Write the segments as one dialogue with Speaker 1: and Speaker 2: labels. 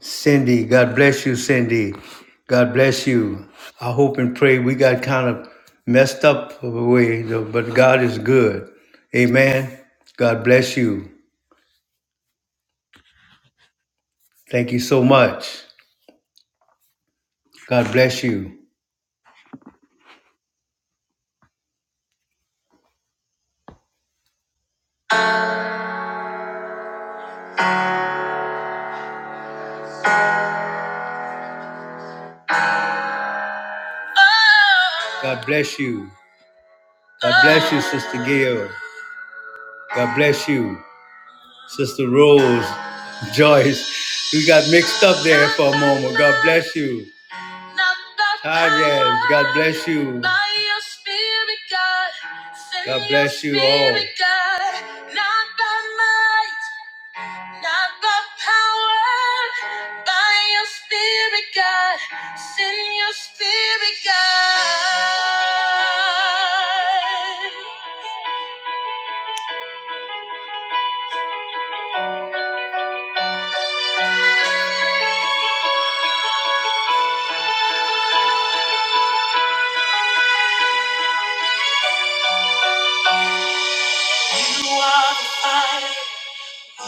Speaker 1: Cindy, God bless you, Cindy. God bless you. I hope and pray we got kind of messed up of a way, but God is good. Amen. God bless you. Thank you so much. God bless you. God bless you. God bless you, Sister Gail. God bless you, Sister Rose, Joyce. We got mixed up there for a moment. God bless you. Hi, yes. God bless you. God bless you all. You are the fire,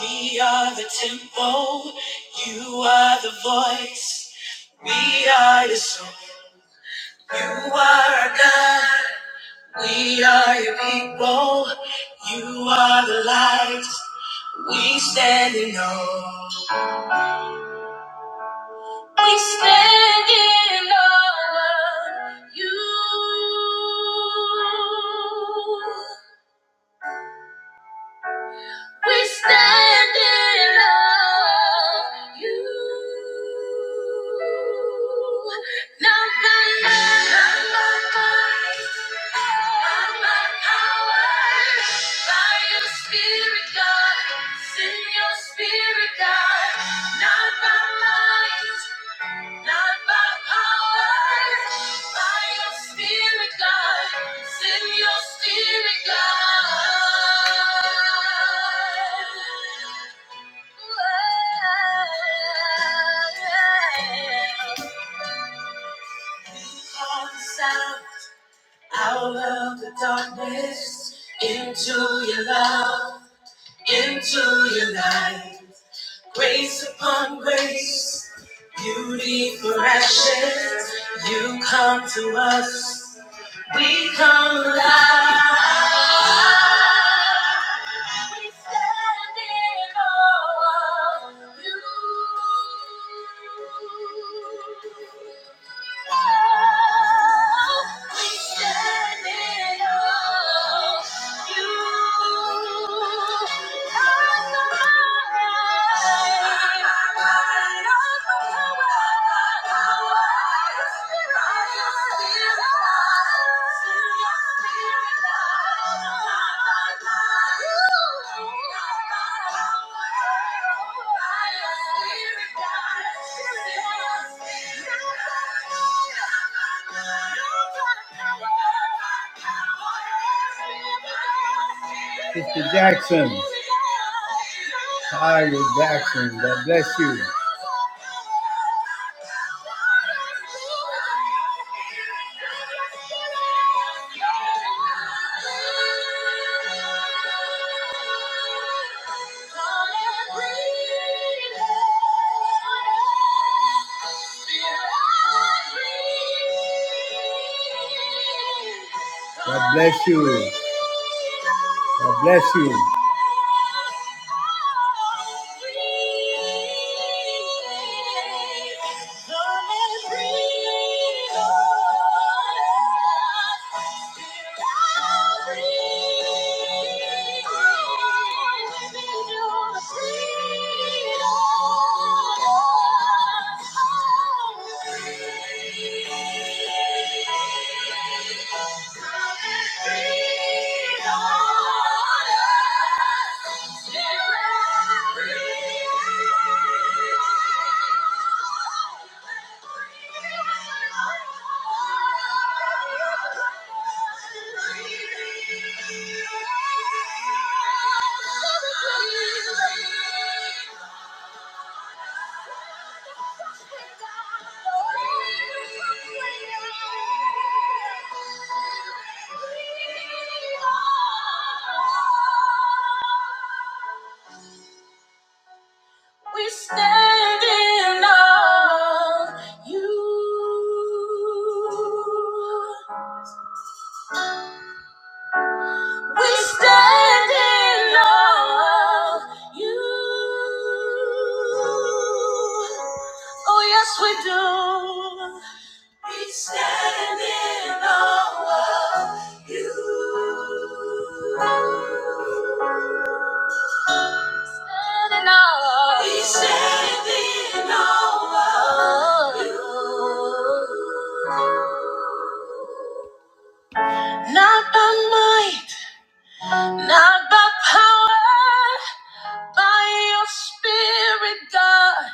Speaker 1: we are the temple, you are the voice, we are the song. You are our God, we are your people. You are the light, we stand in awe. We stand in awe of you. We stand in love you. Not by might, not by might, not by power, by your spirit, God. Send your spirit, God. Not by might. Not by power, by your spirit, God. Send your spirit, God. Call out, out of the darkness into your love, into your light. Grace upon grace, beauty for ashes, you come to us, we come alive. We stand in awe of you. Thank you. Mr. Jackson. Hi, Jackson, God bless you. God bless you. God bless you. Freedom! Thank you. We stand in awe of you. We stand in awe of you. Oh, yes, we do. We stand in awe of you. Stand in awe. We stand in awe of you. Not by might. Not by power, by your spirit, God.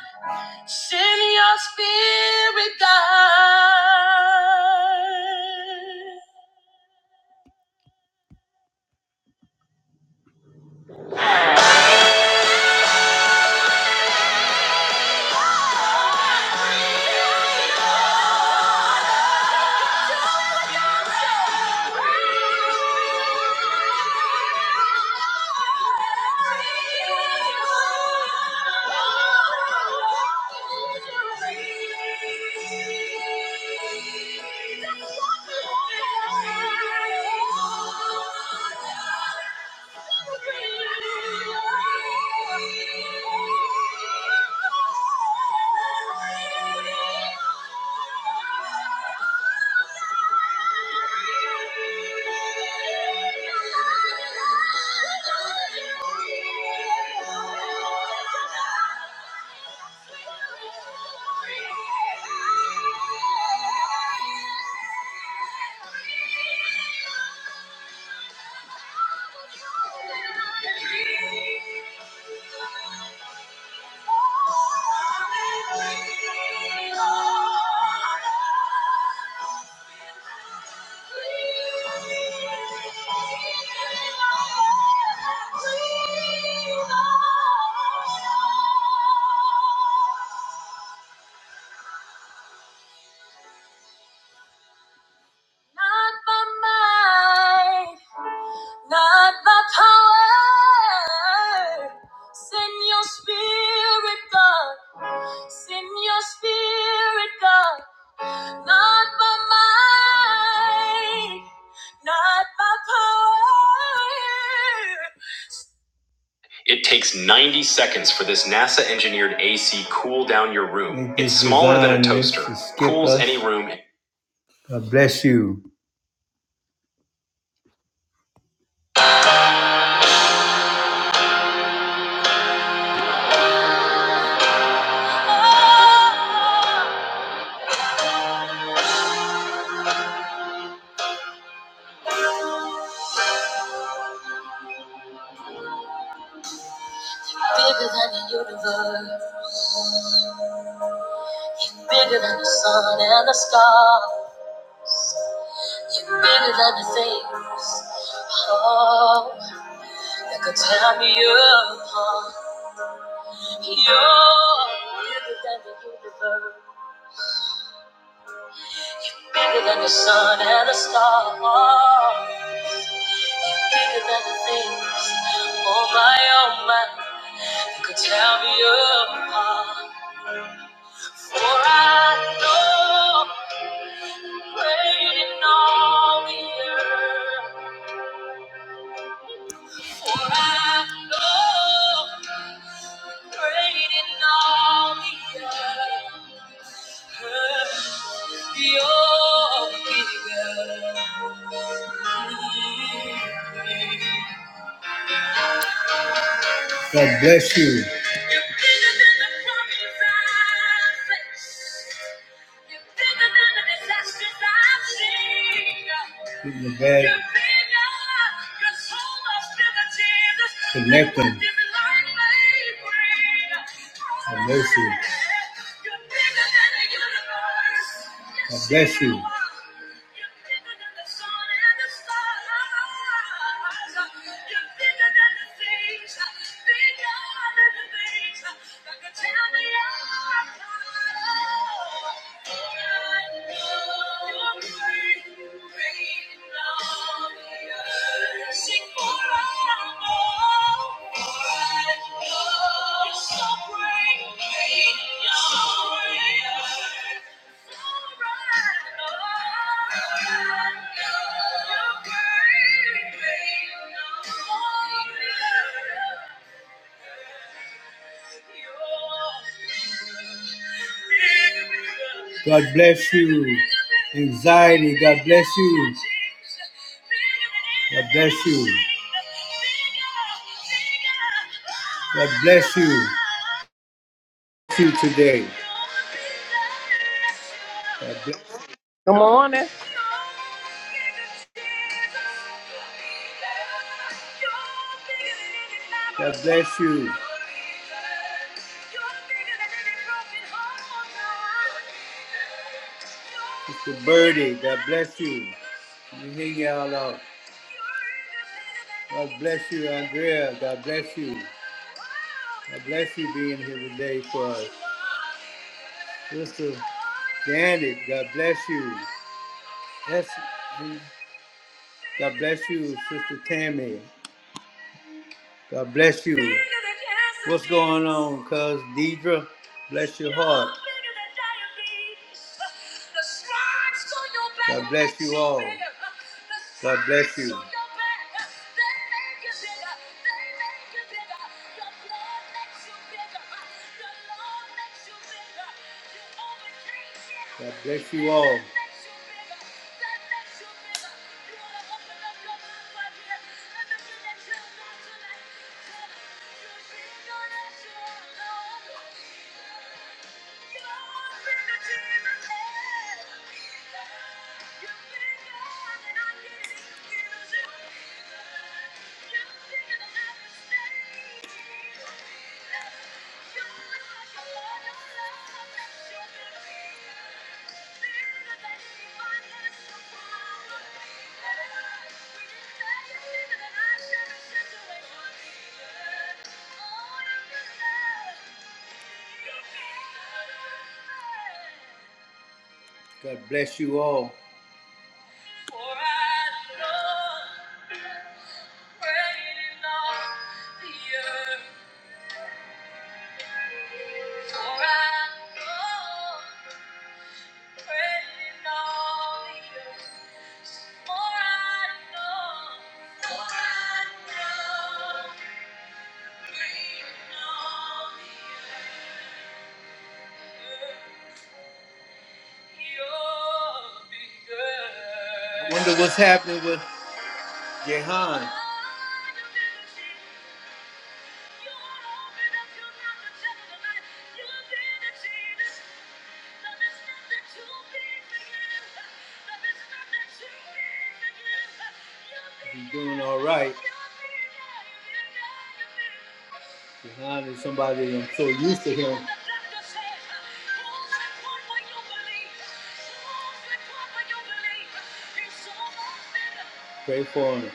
Speaker 1: Send your spirit, God. Thank you. Thank you. Not by might, not by power. Send your spirit, God. Send your spirit, God, not by might, not by power. It takes 90 seconds for this NASA engineered AC cool down your room. It's smaller than a toaster, cools us. any room. God bless you. Bigger than the universe, you're bigger than the sun and the stars. You're bigger than the things. Oh. that could tear me apart. You're bigger than the universe, You're bigger than the sun and the stars, You're bigger than the things. Oh my, oh my, that could tear me apart. For I know you're great in all the earth. For I know you're great in all the earth. God bless you. Keep the bed connecting. I bless you. I bless you. Thank you. God bless you. Anxiety, God bless you. God bless you. God bless you. You today. God bless
Speaker 2: Good morning.
Speaker 1: God bless you. Mr. Birdie, God bless you. We hang y'all out. God bless you, Andrea. God bless you. God bless you being here today for us. Mr. Janet, God bless you. Yes. God bless you, Sister Tammy. God bless you. What's going on, cuz Deidre? Bless your heart. God bless you all. God bless you. God bless you all. God bless you all. For I love praying on the earth. For I love praying on the earth. For I know, for I know, praying on the earth. You're bigger. I Wonder what's happening with Jehan. He's doing all right. Behind is somebody I'm so used to him. Pray for him.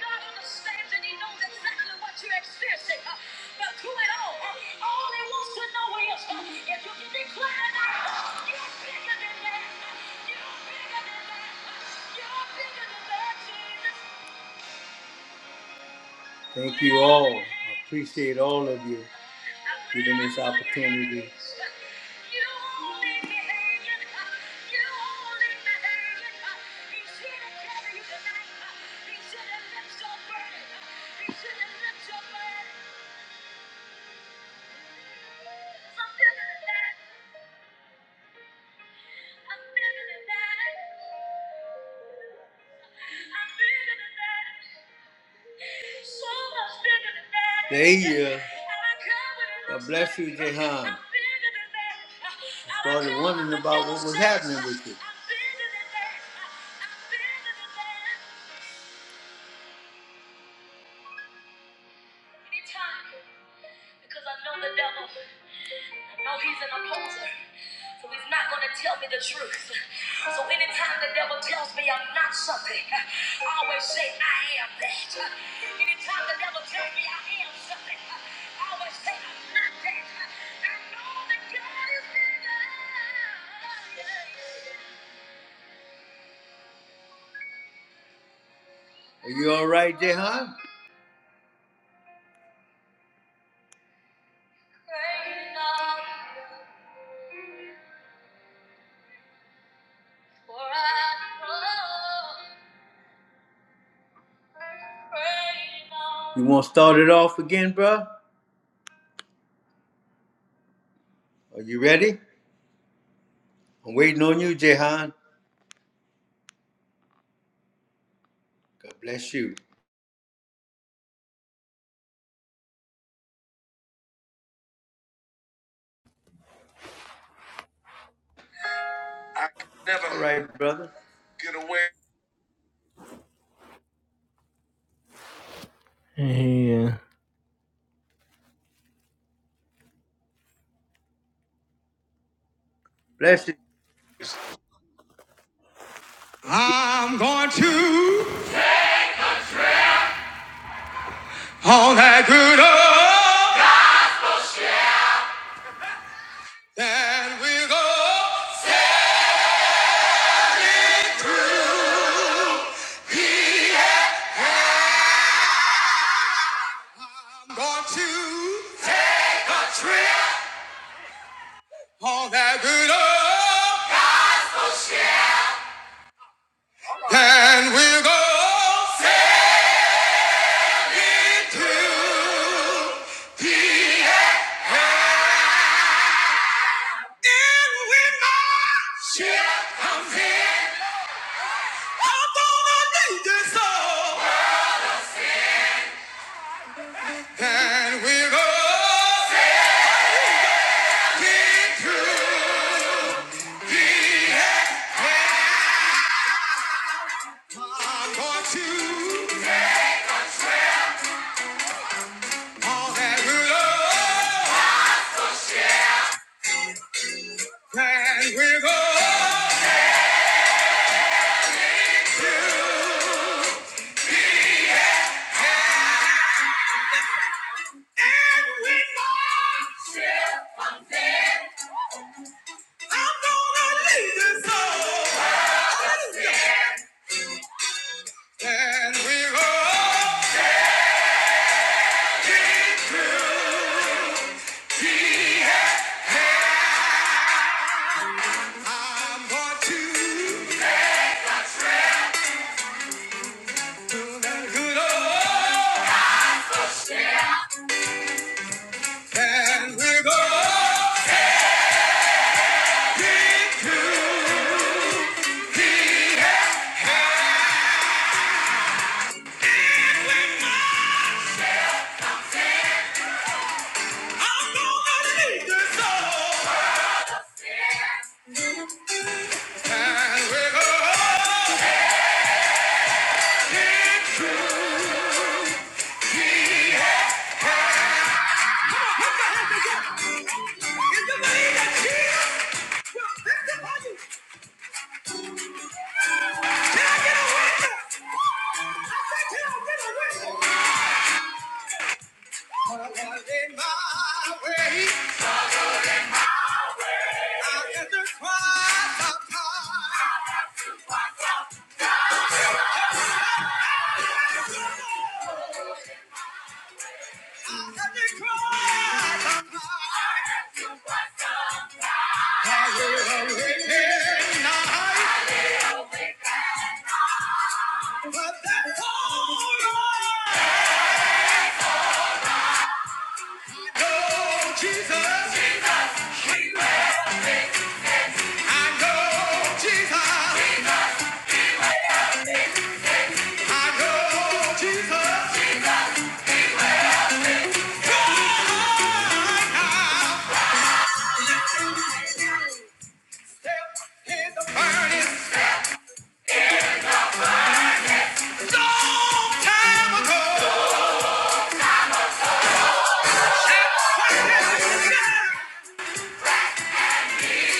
Speaker 1: God understands and He knows exactly what you're experiencing. Uh, but through it all, uh, all He wants to know is uh, if you can declare that uh, you're bigger than that. Uh, you're bigger than that. Uh, you're bigger than that, Jesus. Thank you all. I appreciate all of you giving this opportunity. I'm feeling that. Thank you. God bless you, Jehan. I started wondering about what was happening with you. No, he's an opposer. So he's not going to tell me the truth. So anytime the devil tells me I'm not something, I always say I am that. Anytime the devil tells me I am something, I always say I'm not that. I know that God is bigger. Yeah, yeah, yeah. Are you all right, Jehan? Praise God, for I know. Praise God. You want to start it off again, bro? Are you ready? I'm waiting on you, Jehan. God bless you. I could never. All right, brother. Get away.
Speaker 3: Yeah.
Speaker 1: Bless you.
Speaker 3: I'm going to on that good old that we go. I'm going to take a trip on that good old that we go. Sailing to in when my ship comes in. I'm gonna need this all. Then we go. Send it through. I'm going to all that will and we all and with all I'm gonna lead this soul and with all I'm going to do that good old and with all I'm gonna leave this door and we're gonna get to be in Well, Can I get a witness? I said, can I get a witness? But I was in my way. I had to cry my pride. Cry my pride. I will wait in night. But that's all right. Oh, Jesus. I go, Jesus. I go, Jesus. God, I burning long time ago. And I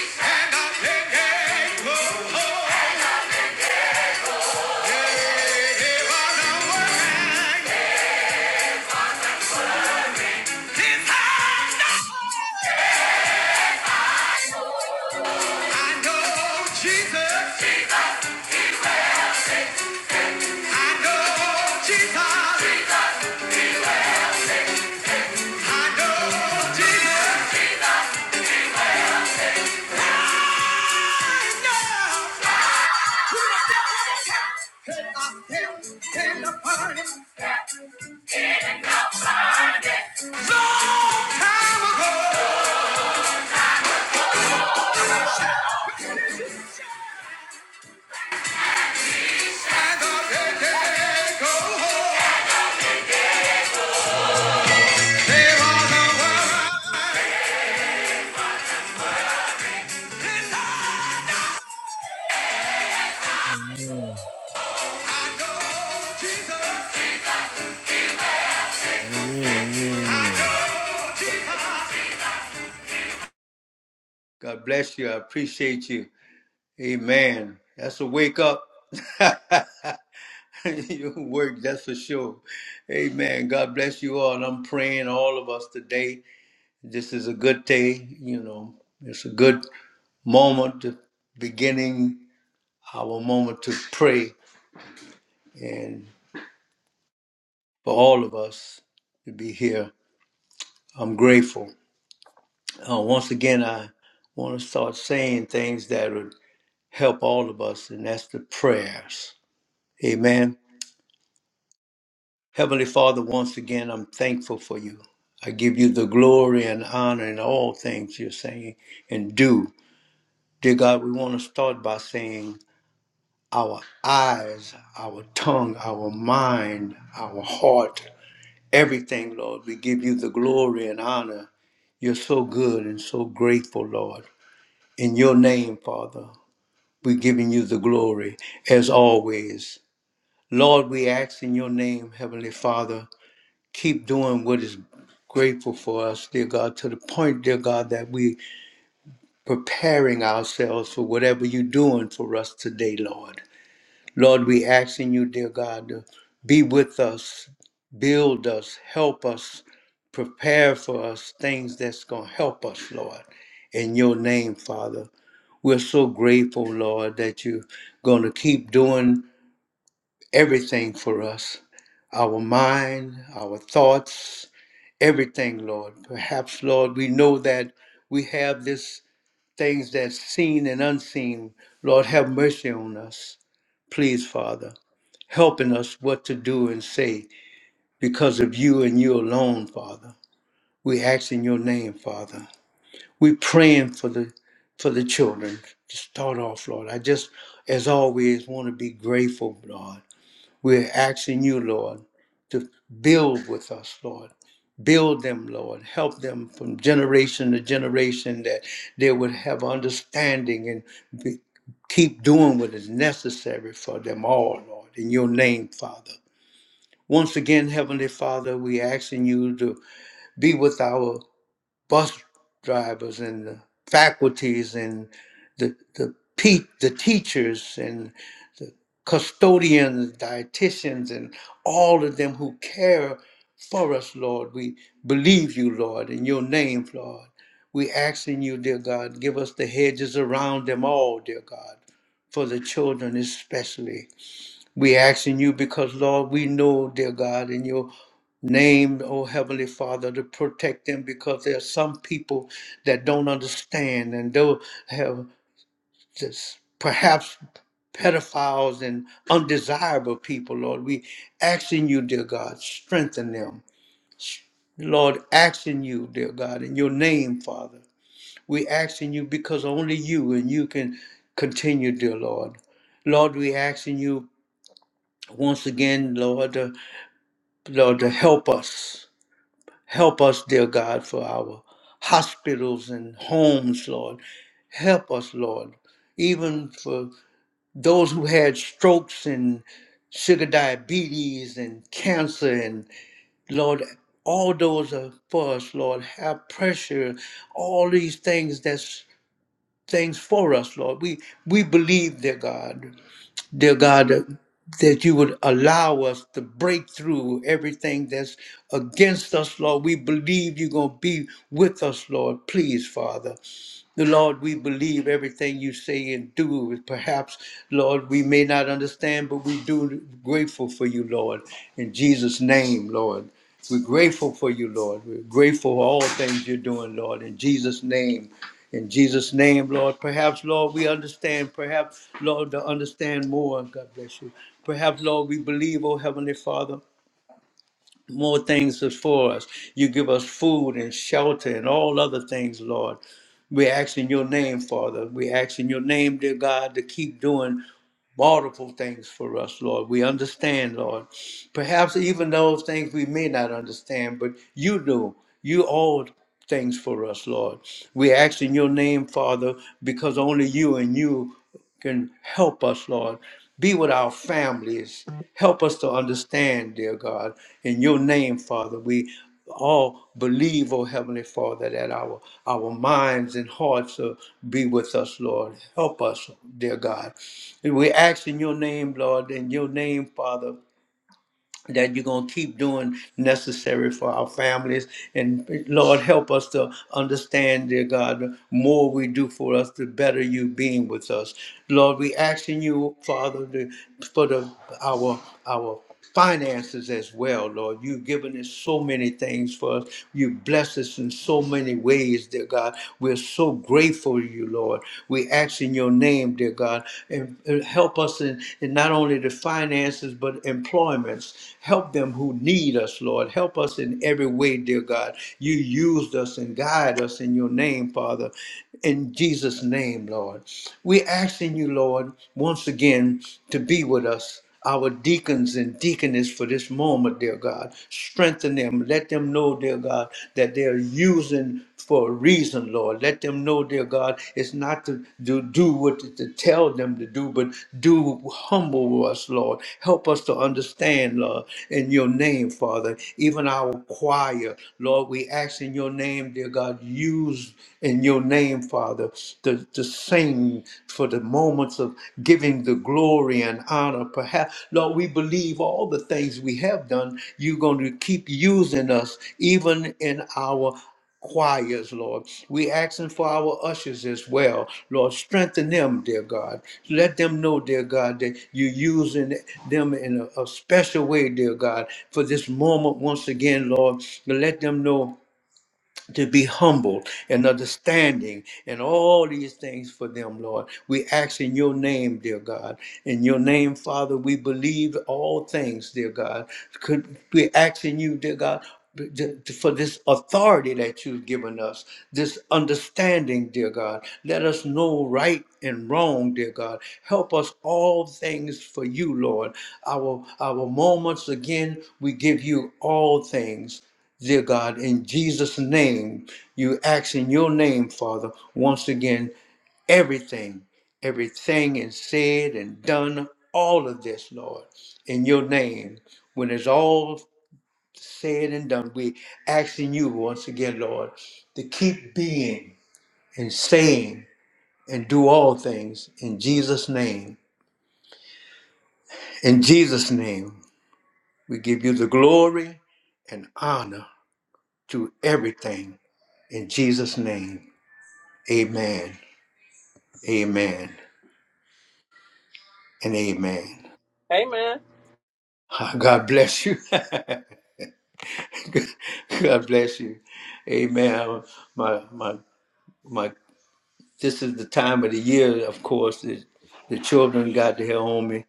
Speaker 3: can't go. Gave up on I know. I know Jesus. I know Jesus. I know Jesus. I know long time ago.
Speaker 1: God bless you. I appreciate you. Amen. That's a wake up. Your work, that's for sure. Amen. God bless you all. And I'm praying all of us today. This is a good day. You know, it's a good moment to beginning our moment to pray and for all of us to be here. I'm grateful. Uh, once again, I want to start saying things that would help all of us, and that's the prayers. Amen. Heavenly Father, once again, I'm thankful for you. I give you the glory and honor in all things you're saying and do. Dear God, we want to start by saying our eyes, our tongue, our mind, our heart, everything, Lord. We give you the glory and honor. You're so good and so grateful, Lord. In your name, Father. We're giving you the glory as always. Lord, we ask in your name, Heavenly Father, keep doing what is grateful for us, dear God, to the point, dear God, that we preparing ourselves for whatever you're doing for us today, Lord. Lord, we asking you, dear God, to be with us, build us, help us, prepare for us things that's going to help us, Lord. In your name, Father. We're so grateful, Lord, that you're going to keep doing everything for us our mind, our thoughts, everything, Lord. Perhaps, Lord, we know that we have this things that's seen and unseen. Lord, have mercy on us. Please, Father, helping us what to do and say because of you and you alone, Father. We ask in your name, Father. We praying for the for the children. To start off, Lord. I just as always want to be grateful, Lord. We're asking you, Lord, to build with us, Lord. Build them, Lord. Help them from generation to generation that they would have understanding and be, keep doing what is necessary for them all, Lord. In your name, Father. Once again, Heavenly Father, we asking you to be with our bus drivers and the faculties and the the pe- the teachers and the custodians, dietitians, and all of them who care for us, Lord. We believe you, Lord, in your name, Lord. We ask in you, dear God, give us the hedges around them all, dear God, for the children especially. We asking you because, Lord, we know, dear God, in your name, oh Heavenly Father, to protect them because there are some people that don't understand and don't have this, perhaps pedophiles and undesirable people, Lord. We asking you, dear God, strengthen them. Lord, asking you, dear God, in your name, Father. We asking you because only you and you can continue, dear Lord. Lord, we asking you once again, Lord. Lord, to help us. Help us, dear God, for our hospitals and homes, Lord. Help us, Lord, even for those who had strokes and sugar diabetes and cancer and Lord, all those are for us, Lord. Have pressure, all these things that's things for us, Lord. We we believe, dear God dear God, uh, that you would allow us to break through everything that's against us, Lord. We believe you're going to be with us, Lord. Please, Father. The Lord, we believe everything you say and do. Perhaps, Lord, we may not understand, but we do grateful for you, Lord. In Jesus' name, Lord. We're grateful for you, Lord. We're grateful for all things you're doing, Lord. In Jesus' name. In Jesus' name, Lord. Perhaps, Lord, we understand. Perhaps, Lord, to understand more. God bless you. Perhaps, Lord, we believe, oh Heavenly Father more things is for us. You give us food and shelter and all other things, Lord. We ask in your name, Father. We ask in your name, dear God, to keep doing multiple things for us, Lord. We understand, Lord. Perhaps even those things we may not understand, but you do. You all things for us, Lord. We ask in your name, Father, because only you and you can help us, Lord. Be with our families. Help us to understand, dear God. In your name, Father, we all believe, oh Heavenly Father, that our our minds and hearts will be with us, Lord. Help us, dear God. We ask in your name, Lord, in your name, Father, that you're going to keep doing necessary for our families. And Lord, help us to understand, dear God, the more we do for us, the better you being with us. Lord, we ask in you, Father, to, for the, our, our finances as well, Lord. You've given us so many things for us. You bless us in so many ways, dear God. We're so grateful to you, Lord. We ask in your name, dear God, and, and help us in, in not only the finances but employments. Help them who need us, Lord. Help us in every way, dear God. You used us and guide us in your name, Father. In Jesus' name, Lord. We asking you, Lord, once again to be with us our deacons and deaconess for this moment, dear God. Strengthen them. Let them know, dear God, that they're using for a reason, Lord. Let them know, dear God, it's not to do, do what to, to tell them to do, but do humble us, Lord. Help us to understand, Lord, in your name, Father. Even our choir, Lord, we ask in your name, dear God, use in your name, Father, to, to sing for the moments of giving the glory and honor. Perhaps, Lord, we believe all the things we have done, you're going to keep using us, even in our choirs, Lord. We asking for our ushers as well, Lord. Strengthen them, dear God. Let them know, dear God, that you're using them in a, a special way, dear God, for this moment once again, Lord. Let them know to be humble and understanding and all these things for them, Lord. We ask in your name, dear God. In your name, Father, we believe all things, dear God. Could we ask in you, dear God? For this authority that you've given us, this understanding, dear God, let us know right and wrong, dear God. Help us all things for you, Lord. Our our moments again, we give you all things. Dear God, in Jesus' name, you ask in your name, Father, once again, everything, everything is said and done, all of this, Lord, in your name. When it's all said and done, we ask in you once again, Lord, to keep being and saying and do all things in Jesus' name. In Jesus' name, we give you the glory and honor to everything. In Jesus' name, amen. Amen and amen.
Speaker 2: Hey, man.
Speaker 1: God bless you. God bless you. Amen. My my my. This is the time of the year, of course. That the children got to hear on me,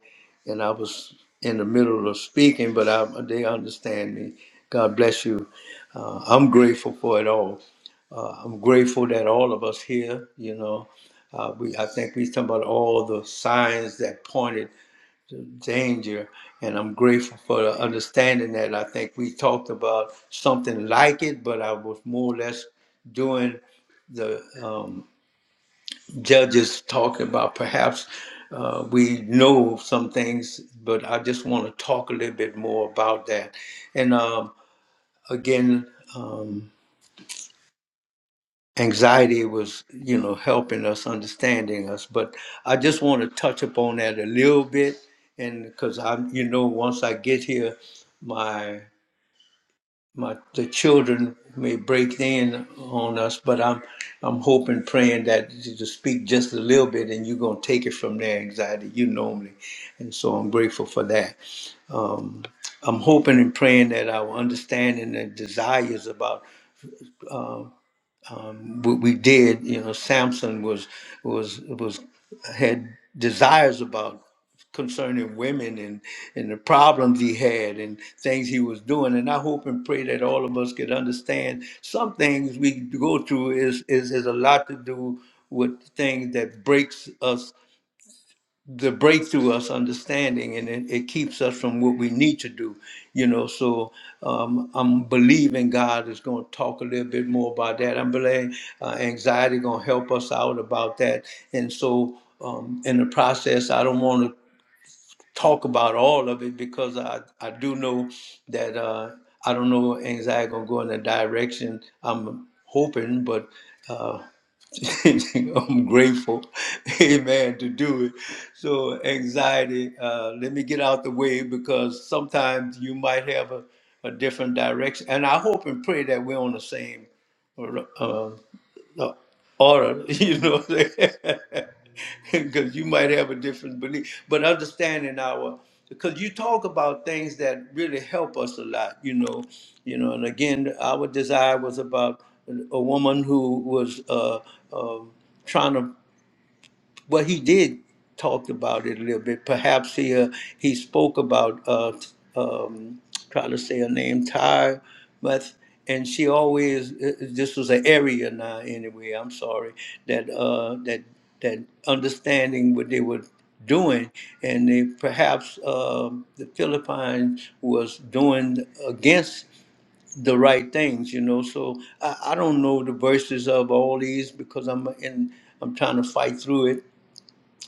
Speaker 1: and I was in the middle of speaking, but I, they understand me. God bless you. Uh, I'm grateful for it all. Uh, I'm grateful that all of us here, you know, uh, we I think we talking about all the signs that pointed danger and i'm grateful for the understanding that i think we talked about something like it but i was more or less doing the um, judges talking about perhaps uh, we know some things but i just want to talk a little bit more about that and um, again um, anxiety was you know helping us understanding us but i just want to touch upon that a little bit and because i'm you know once i get here my my the children may break in on us but i'm i'm hoping praying that to to speak just a little bit and you're going to take it from there anxiety you normally and so i'm grateful for that um, I'm hoping and praying that our understanding and desires about um, we, we did. You know, Samson was was was had desires about concerning women and and the problems he had and things he was doing. And I hope and pray that all of us could understand some things we go through is is, is a lot to do with things that breaks us the breakthrough us understanding and it, it keeps us from what we need to do you know so um, i'm believing god is going to talk a little bit more about that i'm believing uh, anxiety going to help us out about that and so um, in the process i don't want to talk about all of it because i, I do know that uh, i don't know anxiety going to go in a direction i'm hoping but uh, I'm grateful, amen, to do it. So, anxiety, uh, let me get out the way because sometimes you might have a, a different direction. And I hope and pray that we're on the same uh, the order, you know, because you might have a different belief. But understanding our, because you talk about things that really help us a lot, you know, you know. And again, our desire was about a woman who was uh, uh, trying to well, he did talk about it a little bit. Perhaps he uh, he spoke about uh, t- um, trying to say her name, Ty, but and she always uh, uh, this was an area now anyway. I'm sorry that uh, that that understanding what they were doing, and they perhaps um the Philippines was doing against the right things, you know. So I, I don't know the verses of all these because I'm in I'm trying to fight through it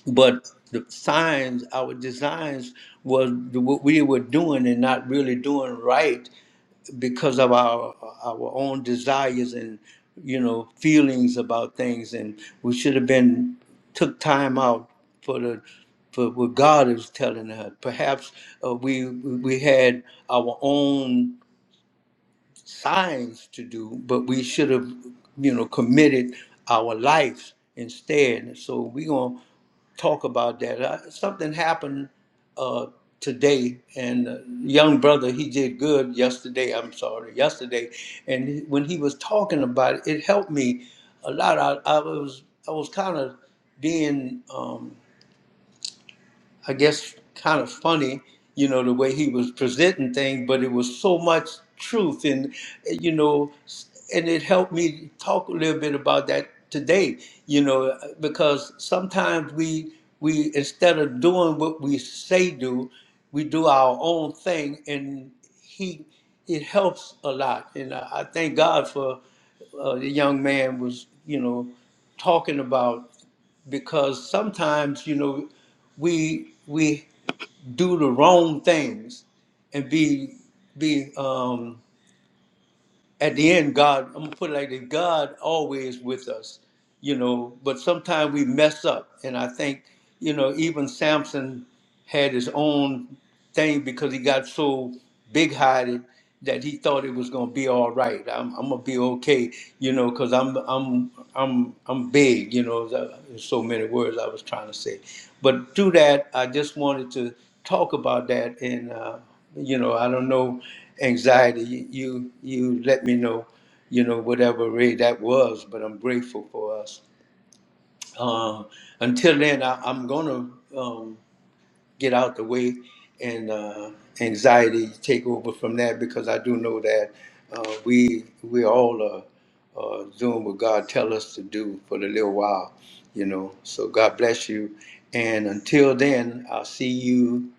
Speaker 1: but the signs, our designs was what we were doing and not really doing right because of our our own desires and you know feelings about things, and we should have been took time out for the for what God is telling us. Perhaps uh, we we had our own signs to do, but we should have you know committed our lives instead. So we gonna talk about that. I, something happened uh, today, and uh, young brother, he did good yesterday. I'm sorry, yesterday, and he- when he was talking about it, it helped me a lot. I, I was I was kind of being um, I guess, kind of funny, you know, the way he was presenting things, but it was so much truth, and you know, and it helped me talk a little bit about that today, you know, because sometimes we we instead of doing what we say do, we do our own thing, and he it helps a lot, and I, I thank God for uh, the young man was, you know, talking about because sometimes you know we we do the wrong things and be be um at the end, God, I'm gonna put it like this: God always with us, you know. But sometimes we mess up, and I think, you know, even Samson had his own thing because he got so big-hearted that he thought it was gonna be all right. I'm, I'm gonna be okay, you know, because I'm I'm I'm I'm big, you know. the- There's so many words I was trying to say, but through that, I just wanted to talk about that, and uh, you know, I don't know anxiety. You you let me know, you know, whatever way that was. But I'm grateful for us. Uh, until then, I, I'm gonna um, get out the way and uh, anxiety take over from that because I do know that uh, we we all are. Uh, doing what God tell us to do for the little while, you know. So God bless you, and until then, I'll see you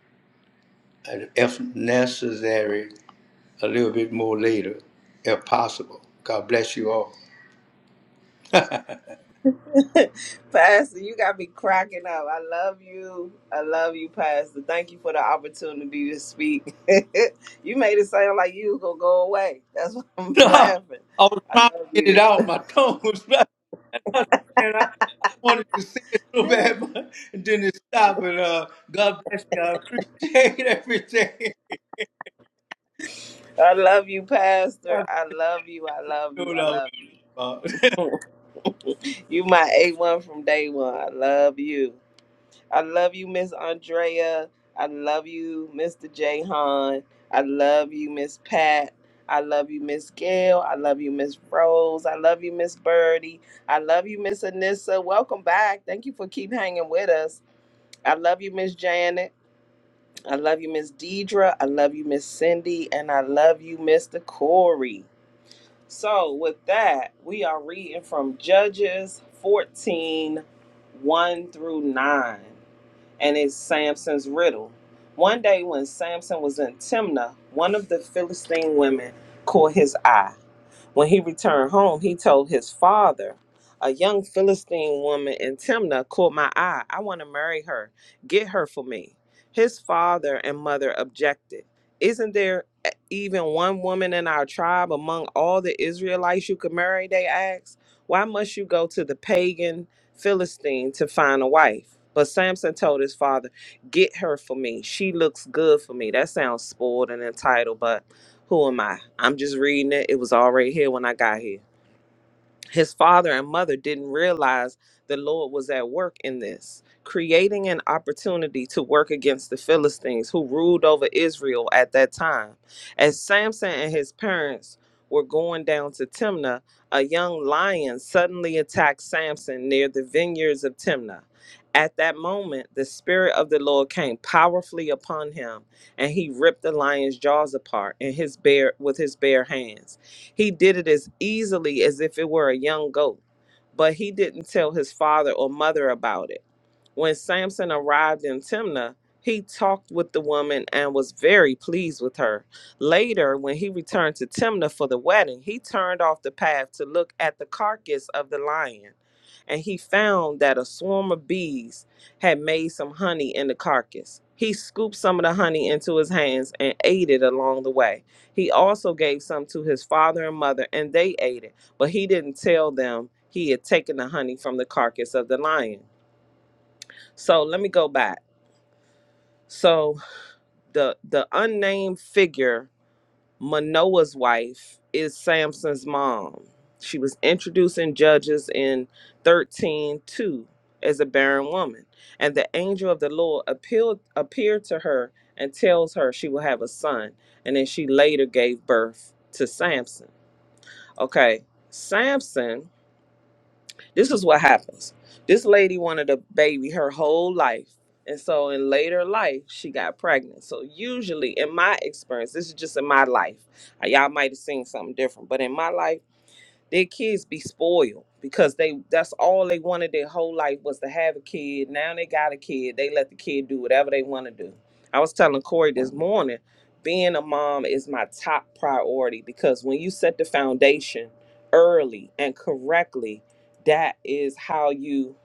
Speaker 1: at if necessary a little bit more later, if possible. God bless you all.
Speaker 2: Pastor, you got me cracking up. I love you. I love you, Pastor. Thank you for the opportunity to speak. you made it sound like you was going to go away. That's why I'm
Speaker 1: I
Speaker 2: laughing.
Speaker 1: was
Speaker 2: I
Speaker 1: trying
Speaker 2: love
Speaker 1: to get it
Speaker 2: you.
Speaker 1: out. My tongue was right, there, and I, I wanted to say it so bad, but it didn't stop. But uh, God bless you. I appreciate everything.
Speaker 2: I love you, Pastor.
Speaker 1: God
Speaker 2: I love you. I love
Speaker 1: knew
Speaker 2: you.
Speaker 1: what
Speaker 2: I
Speaker 1: I was
Speaker 2: love you.
Speaker 1: about.
Speaker 2: You my A1 from day one. I love you. I love you, Miss Andrea. I love you, Mr. Jahan. I love you, Miss Pat. I love you, Miss Gail. I love you, Miss Rose. I love you, Miss Birdie. I love you, Miss Anissa. Welcome back. Thank you for keep hanging with us. I love you, Miss Janet. I love you, Miss Deidre. I love you, Miss Cindy. And I love you, Mr. Corey. So, with that, we are reading from Judges fourteen, one through 9 and it's Samson's riddle. One day when Samson was in Timnah, one of the Philistine women caught his eye. When he returned home, he told his father, A young Philistine woman in Timnah caught my eye. I want to marry her. Get her for me. His father and mother objected. Isn't there even one woman in our tribe among all the Israelites you could marry? They asked. Why must you go to the pagan Philistine to find a wife? But Samson told his father, Get her for me. She looks good for me. That sounds spoiled and entitled, but who am I? I'm just reading it. It was all right here when I got here his father and mother didn't realize the Lord was at work in this, creating an opportunity to work against the Philistines who ruled over Israel at that time. As Samson and his parents were going down to Timnah, a young lion suddenly attacked Samson near the vineyards of Timnah. At that moment, the Spirit of the Lord came powerfully upon him, and he ripped the lion's jaws apart in his bare, with his bare hands. He did it as easily as if it were a young goat, but he didn't tell his father or mother about it. When Samson arrived in Timnah, he talked with the woman and was very pleased with her. Later, when he returned to Timnah for the wedding, he turned off the path to look at the carcass of the lion, and he found that a swarm of bees had made some honey in the carcass. He scooped some of the honey into his hands and ate it along the way. He also gave some to his father and mother, and they ate it, but he didn't tell them he had taken the honey from the carcass of the lion. So let me go back. So the the unnamed figure, Manoah's wife, is Samson's mom. She was introduced in Judges in 13:2 as a barren woman, and the angel of the Lord appealed, appeared to her and tells her she will have a son, and then she later gave birth to Samson. Okay, Samson This is what happens. This lady wanted a baby her whole life. And so in later life, she got pregnant. So usually in my experience, this is just in my life. Uh, Y'all might have seen something different, but in my life, their kids be spoiled because they that's all they wanted their whole life was to have a kid. Now they got a kid. They let the kid do whatever they want to do. I was telling Corey this morning, being a mom is my top priority because when you set the foundation early and correctly, that is how you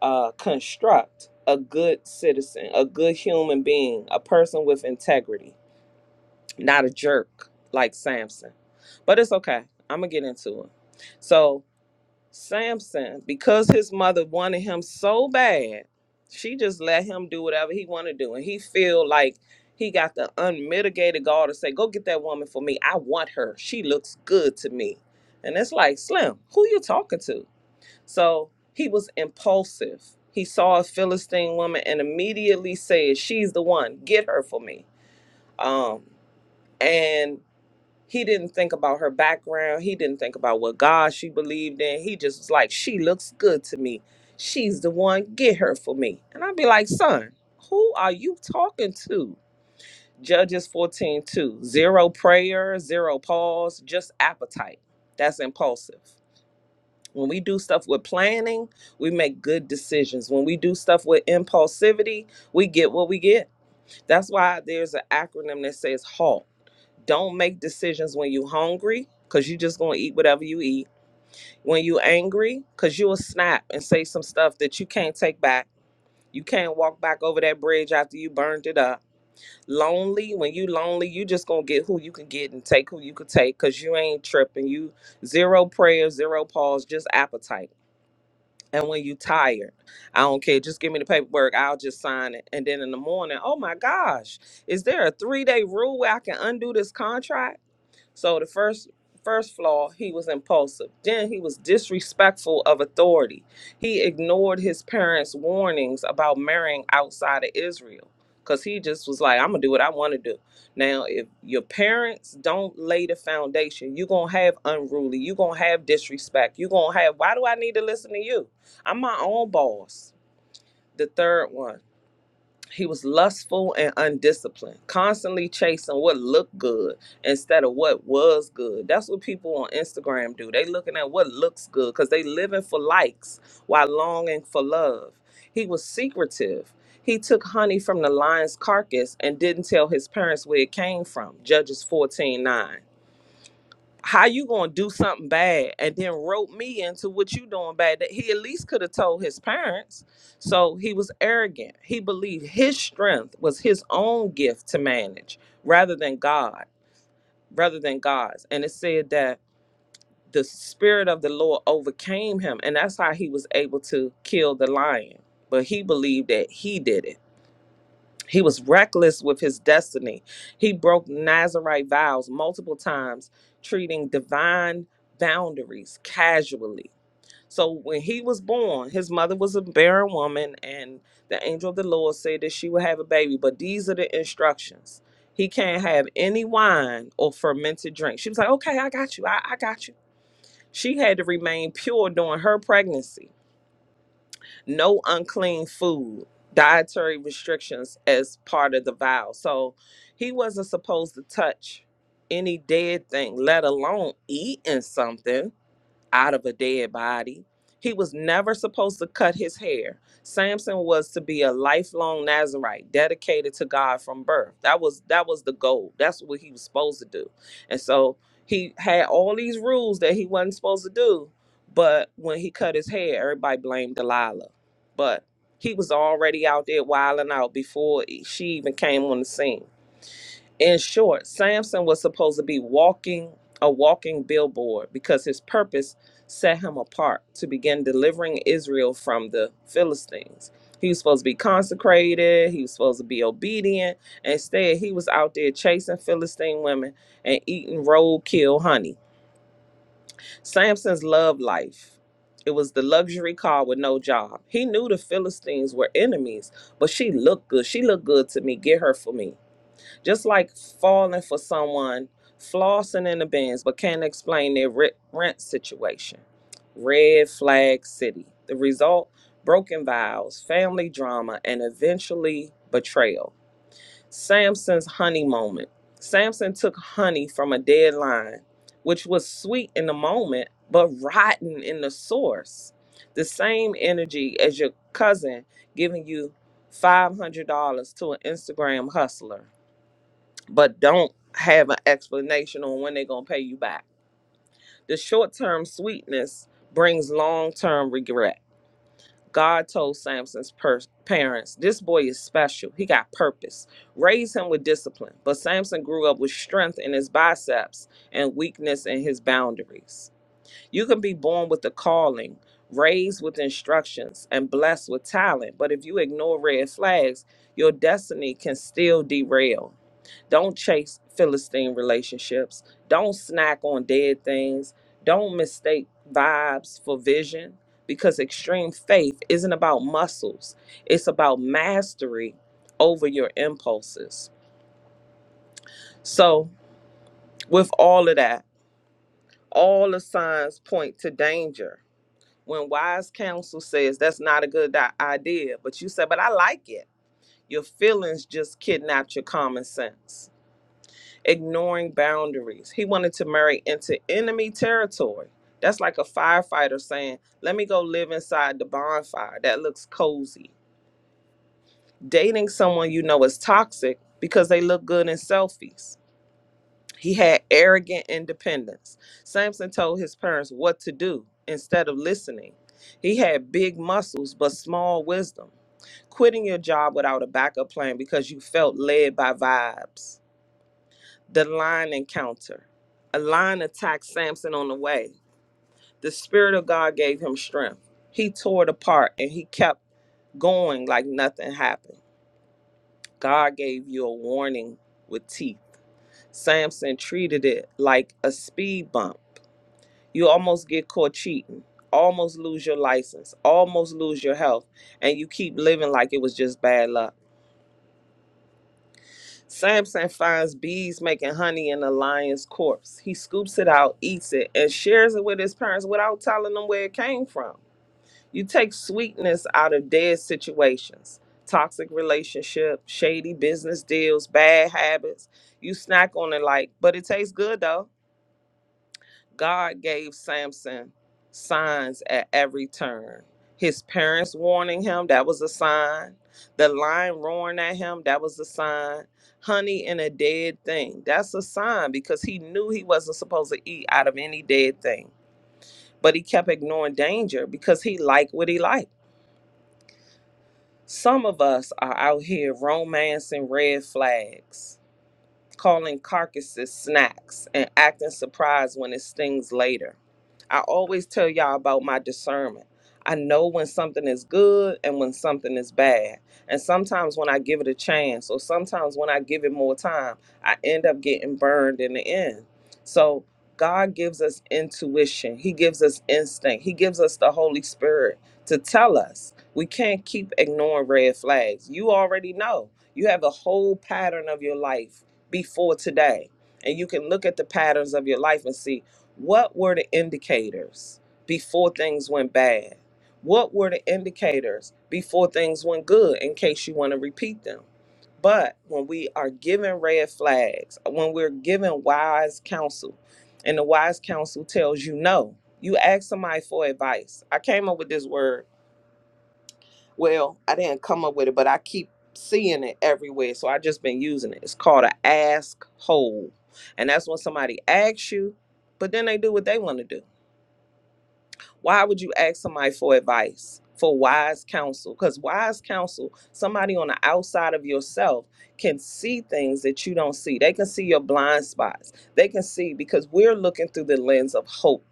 Speaker 2: uh, construct a good citizen, a good human being, a person with integrity, not a jerk like Samson. But it's okay. I'm gonna get into it. So Samson, because his mother wanted him so bad, she just let him do whatever he wanted to do. And he feel like he got the unmitigated gall to say, go get that woman for me. I want her. She looks good to me. And it's like, Slim, who you talking to? So he was impulsive. He saw a Philistine woman and immediately said, she's the one. Get her for me. Um, and he didn't think about her background. He didn't think about what God she believed in. He just was like, she looks good to me. She's the one. Get her for me. And I'd be like, son, who are you talking to? Judges 14 two. Zero prayer, zero pause, just appetite. That's impulsive. When we do stuff with planning, we make good decisions. When we do stuff with impulsivity, we get what we get. That's why there's an acronym that says HALT don't make decisions when you hungry, because you just going to eat whatever you eat. When you angry, because you will snap and say some stuff that you can't take back. You can't walk back over that bridge after you burned it up. Lonely, when you lonely, you just going to get who you can get and take who you could take because you ain't tripping. You zero prayer, zero pause, just appetite. And when you tired, I don't care. Just give me the paperwork. I'll just sign it. And then in the morning, oh my gosh, is there a three day rule where I can undo this contract? So the first first flaw, he was impulsive. Then he was disrespectful of authority. He ignored his parents' warnings about marrying outside of Israel cuz he just was like, I'm going to do what I want to do. Now, if your parents don't lay the foundation, you're going to have unruly, you're going to have disrespect, you're going to have why do I need to listen to you? I'm my own boss. The third one he was lustful and undisciplined, constantly chasing what looked good instead of what was good. That's what people on Instagram do. They looking at what looks good because they living for likes while longing for love. He was secretive. He took honey from the lion's carcass and didn't tell his parents where it came from. Judges fourteen nine. How you gonna do something bad and then rope me into what you doing bad? That he at least could have told his parents. So he was arrogant. He believed his strength was his own gift to manage rather than God, rather than God's. And it said that the spirit of the Lord overcame him, and that's how he was able to kill the lion. But he believed that he did it. He was reckless with his destiny. He broke Nazarite vows multiple times, treating divine boundaries casually. So when he was born, his mother was a barren woman, and the angel of the Lord said that she would have a baby. But these are the instructions. He can't have any wine or fermented drink. She was like, okay, I got you. I, I got you. She had to remain pure during her pregnancy no unclean food, dietary restrictions as part of the vow. So he wasn't supposed to touch any dead thing, let alone eating something out of a dead body. He was never supposed to cut his hair. Samson was to be a lifelong Nazarite, dedicated to God from birth. That was that was the goal. That's what he was supposed to do. And so he had all these rules that he wasn't supposed to do. But when he cut his hair, everybody blamed Delilah. But he was already out there wilding out before she even came on the scene. In short, Samson was supposed to be walking a walking billboard because his purpose set him apart to begin delivering Israel from the Philistines. He was supposed to be consecrated, he was supposed to be obedient. Instead, he was out there chasing Philistine women and eating roadkill honey. Samson's love life. It was the luxury car with no job. He knew the Philistines were enemies, but she looked good. She looked good to me. Get her for me. Just like falling for someone, flossing in the bins, but can't explain their re- rent situation. Red flag city. The result broken vows, family drama, and eventually betrayal. Samson's honey moment. Samson took honey from a dead lion, which was sweet in the moment, but rotten in the source. The same energy as your cousin giving you $500 to an Instagram hustler but don't have an explanation on when they're going to pay you back. The short term sweetness brings long term regret. God told Samson's per- parents, This boy is special. He got purpose. Raise him with discipline. But Samson grew up with strength in his biceps and weakness in his boundaries. You can be born with a calling, raised with instructions, and blessed with talent. But if you ignore red flags, your destiny can still derail. Don't chase Philistine relationships. Don't snack on dead things. Don't mistake vibes for vision because extreme faith isn't about muscles, it's about mastery over your impulses. So, with all of that, all the signs point to danger. When wise counsel says that's not a good i- idea, but you say, but I like it, your feelings just kidnapped your common sense. ignoring boundaries. He wanted to marry into enemy territory. That's like a firefighter saying, Let me go live inside the bonfire. That looks cozy. Dating someone you know is toxic because they look good in selfies. He had arrogant independence. Samson told his parents what to do instead of listening. He had big muscles but small wisdom. Quitting your job without a backup plan because you felt led by vibes the lion encounter. A lion attacked Samson on the way. The Spirit of God gave him strength. He tore it apart and he kept going like nothing happened. God gave you a warning with teeth. Samson treated it like a speed bump. You almost get caught cheating, almost lose your license, almost lose your health, and you keep living like it was just bad luck. Samson finds bees making honey in a lion's corpse. He scoops it out, eats it, and shares it with his parents without telling them where it came from. You take sweetness out of dead situations, toxic relationships, shady business deals, bad habits. You snack on it like, but it tastes good though. God gave Samson signs at every turn. His parents warning him, that was a sign. The lion roaring at him, that was a sign. Honey in a dead thing, that's a sign because he knew he wasn't supposed to eat out of any dead thing. But he kept ignoring danger because he liked what he liked. Some of us are out here romancing red flags. calling carcasses snacks and acting surprised when it stings later. I always tell y'all about my discernment. I know when something is good and when something is bad. And sometimes when I give it a chance, or sometimes when I give it more time, I end up getting burned in the end. So God gives us intuition, He gives us instinct, He gives us the Holy Spirit to tell us. We can't keep ignoring red flags. You already know. You have a whole pattern of your life before today. And you can look at the patterns of your life and see what were the indicators before things went bad? What were the indicators before things went good in case you want to repeat them? But when we are given red flags, when we're given wise counsel, and the wise counsel tells you no, you ask somebody for advice. I came up with this word well, I didn't come up with it, but I keep seeing it everywhere. So I just been using it. It's called a ask hole. And that's when somebody asks you, but then they do what they want to do. Why would you ask somebody for advice, for wise counsel? Because wise counsel, somebody on the outside of yourself can see things that you don't see. They can see your blind spots. They can see because we're looking through the lens of hope.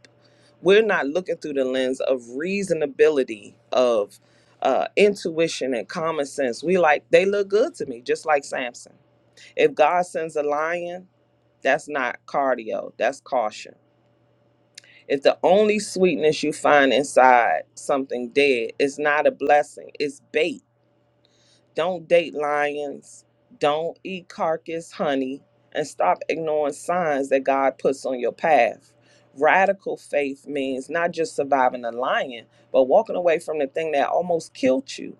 Speaker 2: We're not looking through the lens of reasonability, of uh, intuition and common sense. We like, they look good to me, just like Samson. If God sends a lion, that's not cardio, that's caution if the only sweetness you find inside something dead is not a blessing, it's bait. Don't date lions, don't eat carcass honey, and stop ignoring signs that God puts on your path. Radical faith means not just surviving a lion, but walking away from the thing that almost killed you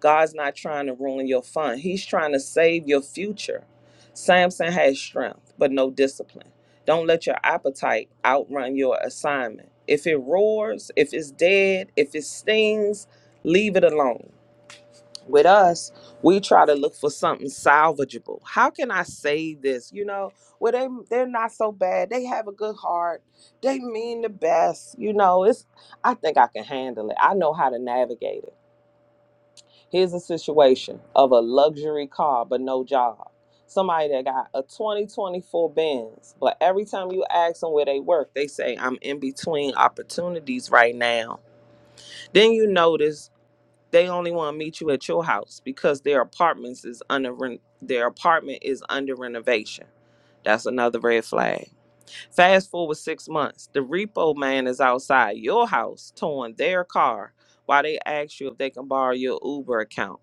Speaker 2: God's not trying to ruin your fun. He's trying to save your future. Samson had strength, but no discipline. Don't let your appetite outrun your assignment. If it roars, if it's dead, if it stings, leave it alone. With us, we try to look for something salvageable. How can I save this? You know, well, they they're not so bad. They have a good heart. They mean the best. You know, it's I think I can handle it. I know how to navigate it Here's a situation of a luxury car but no job. Somebody that got a 2024 Benz, but every time you ask them where they work, they say, I'm in between opportunities right now. Then you notice they only want to meet you at your house because their apartments is under ren- their apartment is under renovation. That's another red flag. Fast forward six months, the repo man is outside your house towing their car while they ask you if they can borrow your Uber account.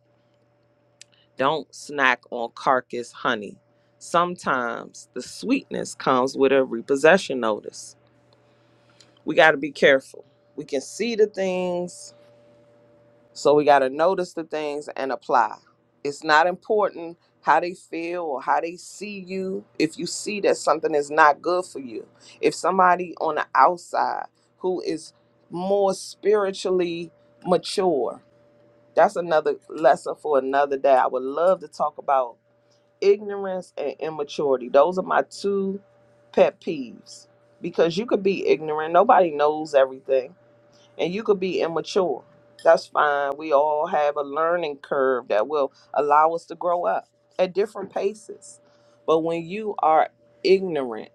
Speaker 2: Don't snack on carcass honey. Sometimes the sweetness comes with a repossession notice. We got to be careful. We can see the things, so we got to notice the things and apply. It's not important how they feel or how they see you if you see that something is not good for you. If somebody on the outside who is more spiritually mature, that's another lesson for another day. I would love to talk about ignorance and immaturity. Those are my two pet peeves because you could be ignorant. Nobody knows everything, and you could be immature. That's fine. We all have a learning curve that will allow us to grow up at different paces. But when you are ignorant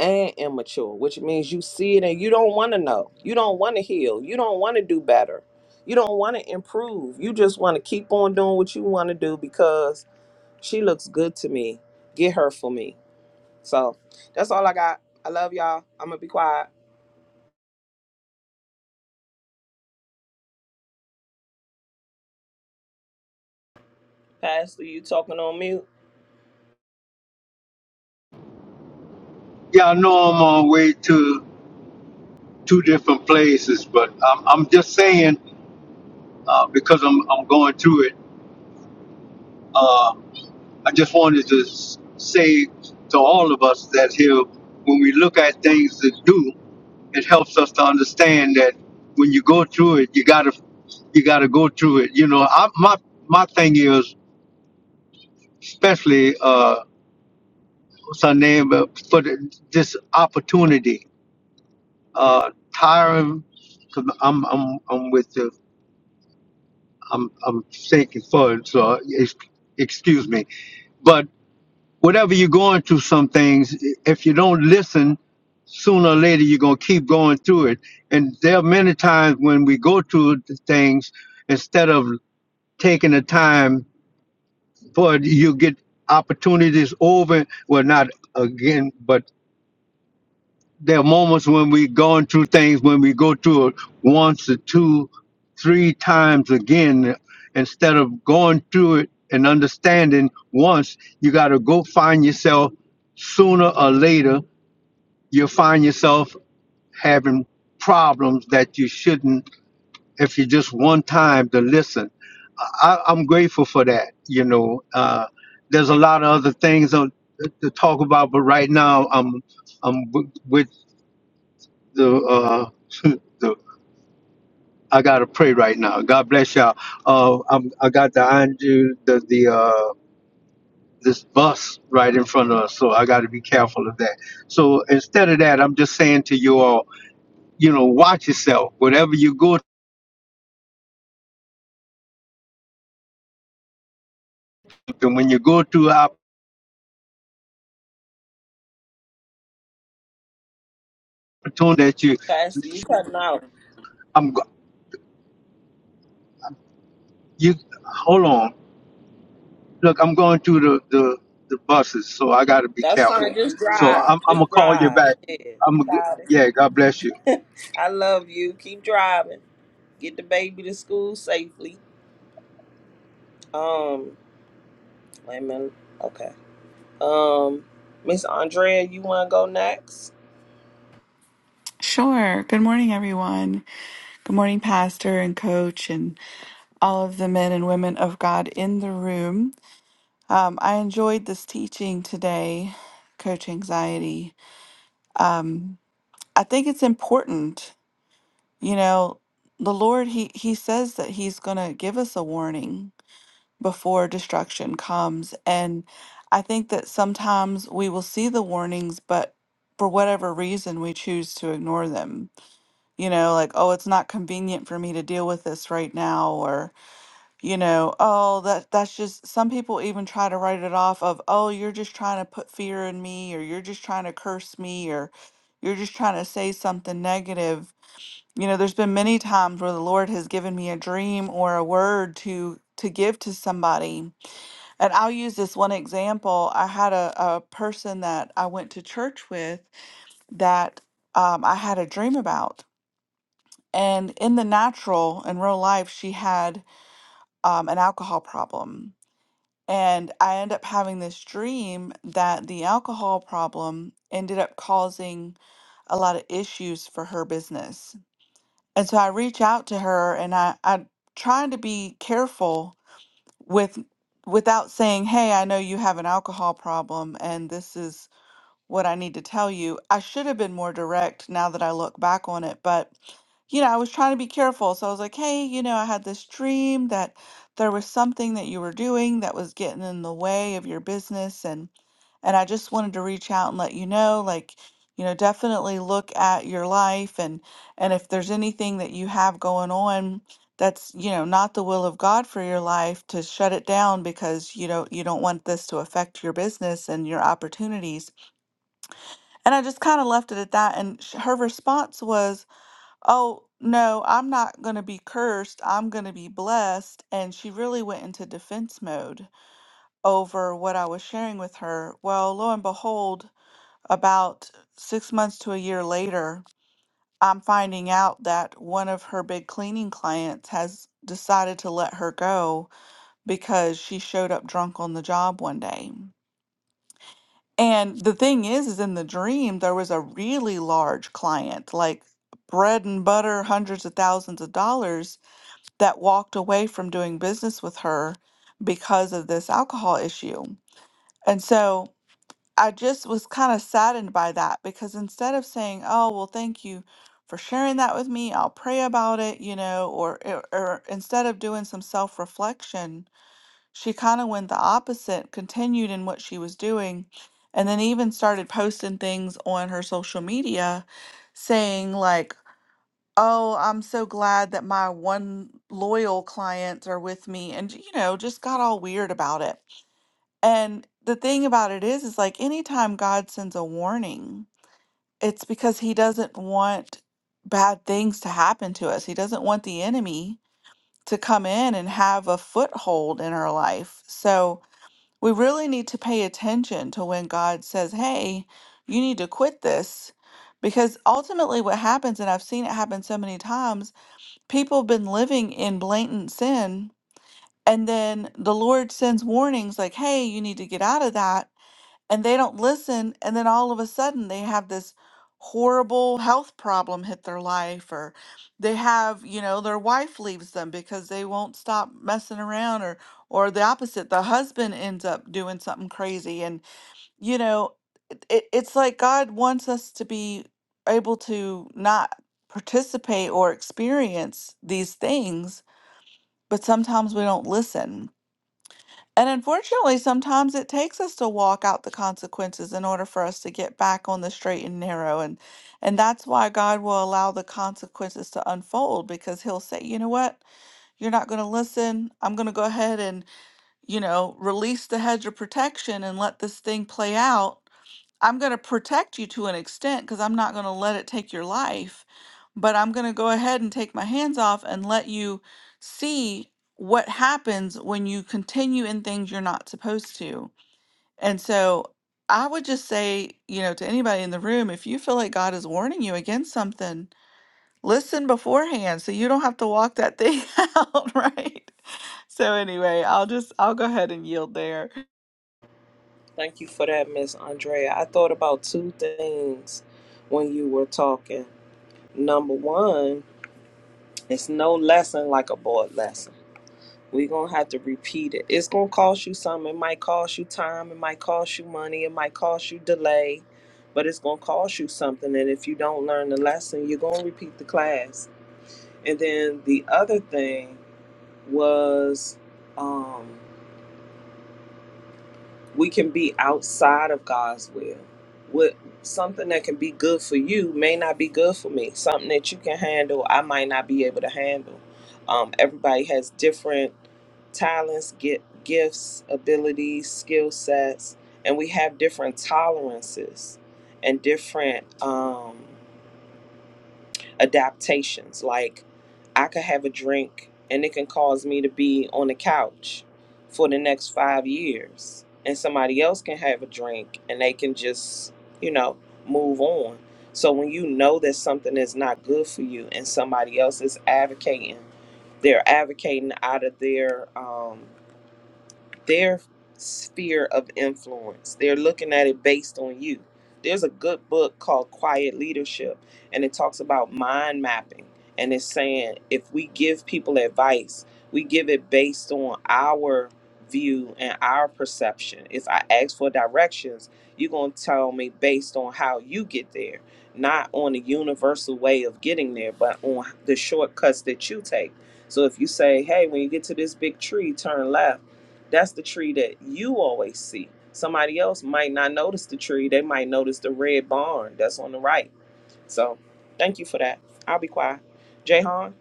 Speaker 2: and immature, which means you see it and you don't want to know, you don't want to heal, you don't want to do better, you don't want to improve, you just want to keep on doing what you want to do because. She looks good to me. Get her for me. So that's all I got. I love y'all. I'm gonna be quiet. Pastor, you talking on mute?
Speaker 1: Yeah, I know I'm on way to two different places, but I'm, I'm just saying uh, because I'm, I'm going through it. I just wanted to s- say to all of us that here, when we look at things to do, it helps us to understand that when you go through it, you gotta you gotta go through it. You know, I, my my thing is especially uh, what's her name uh, for the, this opportunity. Uh, Tyron, i I'm I'm I'm with the I'm I'm thinking for it, so uh, ex- excuse me. but. whatever you're going through some things if you don't listen sooner or later you're going to keep going through it and there are many times when we go through the things instead of taking the time for it, you get opportunities over well not again but there are moments when we're going through things when we go through it once or two three times again instead of going through it and understanding once you got to go find yourself sooner or later you'll find yourself having problems that you shouldn't if you just one time to listen I, i'm grateful for that you know uh, there's a lot of other things on, to talk about but right now i'm i'm w- with the uh the I gotta pray right now. God bless y'all. Uh, I'm I got the Andrew the the uh this bus right in front of us, so I got to be careful of that. So instead of that, I'm just saying to you all, you know, watch yourself. Whatever you go through, and when you go through an opportunity that you,
Speaker 2: Pastor, you cutting out.
Speaker 1: I'm go- you hold on. Look, I'm going through the the, the buses, so I got to be
Speaker 2: That's
Speaker 1: careful.
Speaker 2: fine. Just
Speaker 1: So
Speaker 2: drive.
Speaker 1: I'm I'm gonna
Speaker 2: Just
Speaker 1: call you
Speaker 2: drive.
Speaker 1: back.
Speaker 2: Yeah, we
Speaker 1: I'm gonna, go-
Speaker 2: got
Speaker 1: yeah. God bless you.
Speaker 2: it. I love you. Keep driving. Get the baby to school safely. Um, wait a minute. Okay. Um, Miss Andrea, you wanna go next?
Speaker 4: Sure. Good morning, everyone. Good morning, Pastor and Coach, and all of the men and women of God in the room. Um, I enjoyed this teaching today, Coach Anxiety. Um, I think it's important. You know, the Lord, He, he says that He's going to give us a warning before destruction comes. And I think that sometimes we will see the warnings, but for whatever reason, we choose to ignore them you know like oh it's not convenient for me to deal with this right now or you know oh that that's just some people even try to write it off of oh you're just trying to put fear in me or you're just trying to curse me or you're just trying to say something negative you know there's been many times where the lord has given me a dream or a word to to give to somebody and i'll use this one example i had a, a person that i went to church with that um, i had a dream about and in the natural, in real life, she had um, an alcohol problem. And I ended up having this dream that the alcohol problem ended up causing a lot of issues for her business. And so I reach out to her and I, I'm trying to be careful with without saying, Hey, I know you have an alcohol problem and this is what I need to tell you. I should have been more direct now that I look back on it, but you know, I was trying to be careful. So I was like, hey, you know, I had this dream that there was something that you were doing that was getting in the way of your business and and I just wanted to reach out and let you know like you know definitely look at your life and and if there's anything that you have going on that's you know not the will of God for your life to shut it down because you know you don't want this to affect your business and your opportunities and I just kind of left it at that. And sh- her response was, Oh, no, I'm not going to be cursed. I'm going to be blessed. And she really went into defense mode over what I was sharing with her. Well, lo and behold, about six months to a year later, I'm finding out that one of her big cleaning clients has decided to let her go because she showed up drunk on the job one day. And the thing is, is in the dream, there was a really large client, like bread and butter, hundreds of thousands of dollars, that walked away from doing business with her because of this alcohol issue. And so I just was kind of saddened by that because instead of saying, oh, well, thank you for sharing that with me, I'll pray about it, you know, or, or or instead of doing some self reflection, she kind of went the opposite, continued in what she was doing, and then even started posting things on her social media saying, like, oh, I'm so glad that my one loyal clients are with me, and, you know, just got all weird about it. And the thing about it is, is like anytime God sends a warning, it's because he doesn't want bad things to happen to us, he doesn't want the enemy to come in and have a foothold in our life. So, we really need to pay attention to when God says, Hey, you need to quit this. Because ultimately, what happens, and I've seen it happen so many times, people have been living in blatant sin. And then the Lord sends warnings like, Hey, you need to get out of that and they don't listen and then all of a sudden they have this horrible health problem hit their life or they have you know their wife leaves them because they won't stop messing around or or the opposite the husband ends up doing something crazy and you know it, it- it's like god wants us to be able to not participate or experience these things but sometimes we don't listen and unfortunately, sometimes it takes us to walk out the consequences in order for us to get back on the straight and narrow. And and that's why God will allow the consequences to unfold because he'll say, "You know what? You're not going to listen. I'm going to go ahead and, you know, release the hedge of protection and let this thing play out." I'm going to protect you to an extent because I'm not going to let it take your life, but I'm going to go ahead and take my hands off and let you see what happens when you continue in things you're not supposed to. And so I would just say, you know, to anybody in the room, if you feel like God is warning you against something, listen beforehand so you don't have to walk that thing out, right? So anyway, I'll just I'll go ahead and yield there.
Speaker 2: Thank you for that, Miss Andrea. I thought about two things when you were talking. Number one. It's no lesson like a board lesson. We're gonna have to repeat it. It's gonna cost you something. It might cost you time. It might cost you money. It might cost you delay, but it's gonna cost you something. And if you don't learn the lesson, you're gonna repeat the class. And then the other thing was, um, we can be outside of God's will. What something that can be good for you may not be good for me. Something that you can handle, I might not be able to handle. Um, everybody has different talents, get gifts, abilities, skill sets, and we have different tolerances and different. Um, adaptations. Like I could have a drink and it can cause me to be on the couch for the next five years. And somebody else can have a drink and they can just, you know, move on. So when you know that something is not good for you and somebody else is advocating, they're advocating out of their um their sphere of influence. They're looking at it based on you. There's a good book called Quiet Leadership, and it talks about mind mapping. And it's saying if we give people advice, we give it based on our view and our perception. If I ask for directions, you're going to tell me based on how you get there, not on the universal way of getting there, but on the shortcuts that you take. So if you say, hey, when you get to this big tree, turn left that's the tree that you always see. Somebody else might not notice the tree. They might notice the red barn that's on the right. So thank you for that. I'll be quiet. Jahan?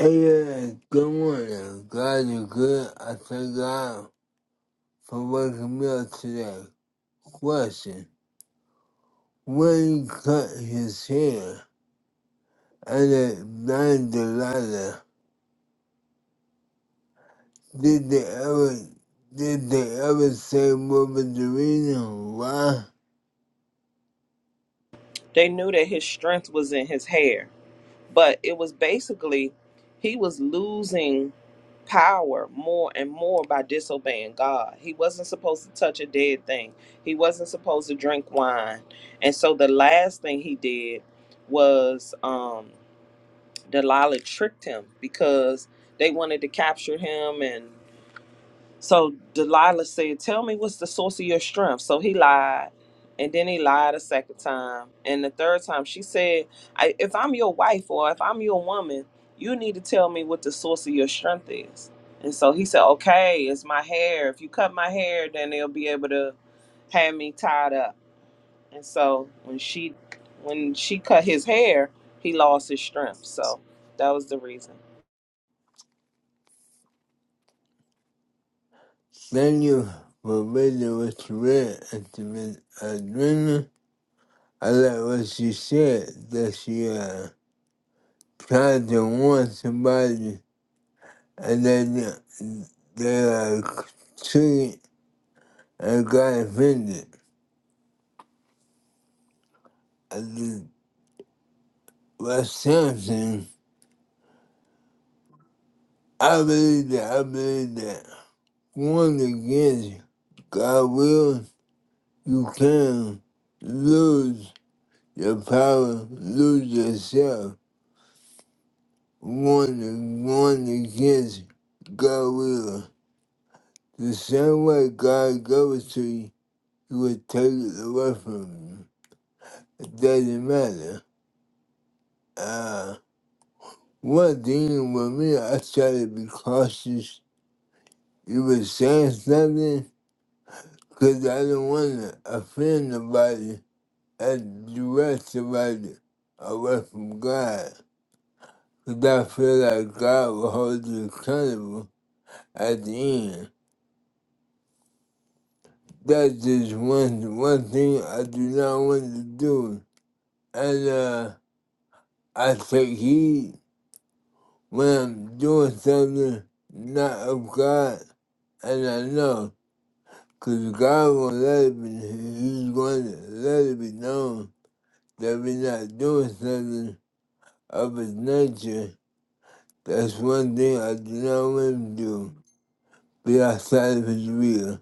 Speaker 3: Hey, uh, good morning. Glad you're good. I thank God for that question. When he cut his hair and it nine Delilah, did they ever did they ever say what was the reason why?
Speaker 2: They knew that his strength was in his hair. but it was basically he was losing power more and more by disobeying God. He wasn't supposed to touch a dead thing. He wasn't supposed to drink wine. And so the last thing he did was um Delilah tricked him because they wanted to capture him and. So Delilah said, Tell me what's the source of your strength. So he lied. And then he lied a second time. And the third time, she said, I, If I'm your wife or if I'm your woman, you need to tell me what the source of your strength is. And so he said, Okay, it's my hair. If you cut my hair, then they'll be able to have me tied up. And so when she when she cut his hair, he lost his strength. So that was the reason.
Speaker 3: Thank you for reading what you read at the adrenaline. I like what she said that she uh, tried to warn somebody and then uh, they uh, took it and got offended. I just, but something, I believe that, I believe that going against God will, you can lose your power, lose yourself. Going, going against God will. The same way God goes to you. you would take it away from me. It doesn't matter. Uh, one thing with me, I try to be cautious. You were saying something? Because I don't want to offend nobody and direct somebody away from God because I feel like God will hold you accountable at the end. That's just one, one thing I do not want to do. And uh, I take heed when I'm doing something not of God, and I know, because God will let it be, He's going to let it be known that we're not doing something of His nature. That's one thing I do not want to do, be outside of His will.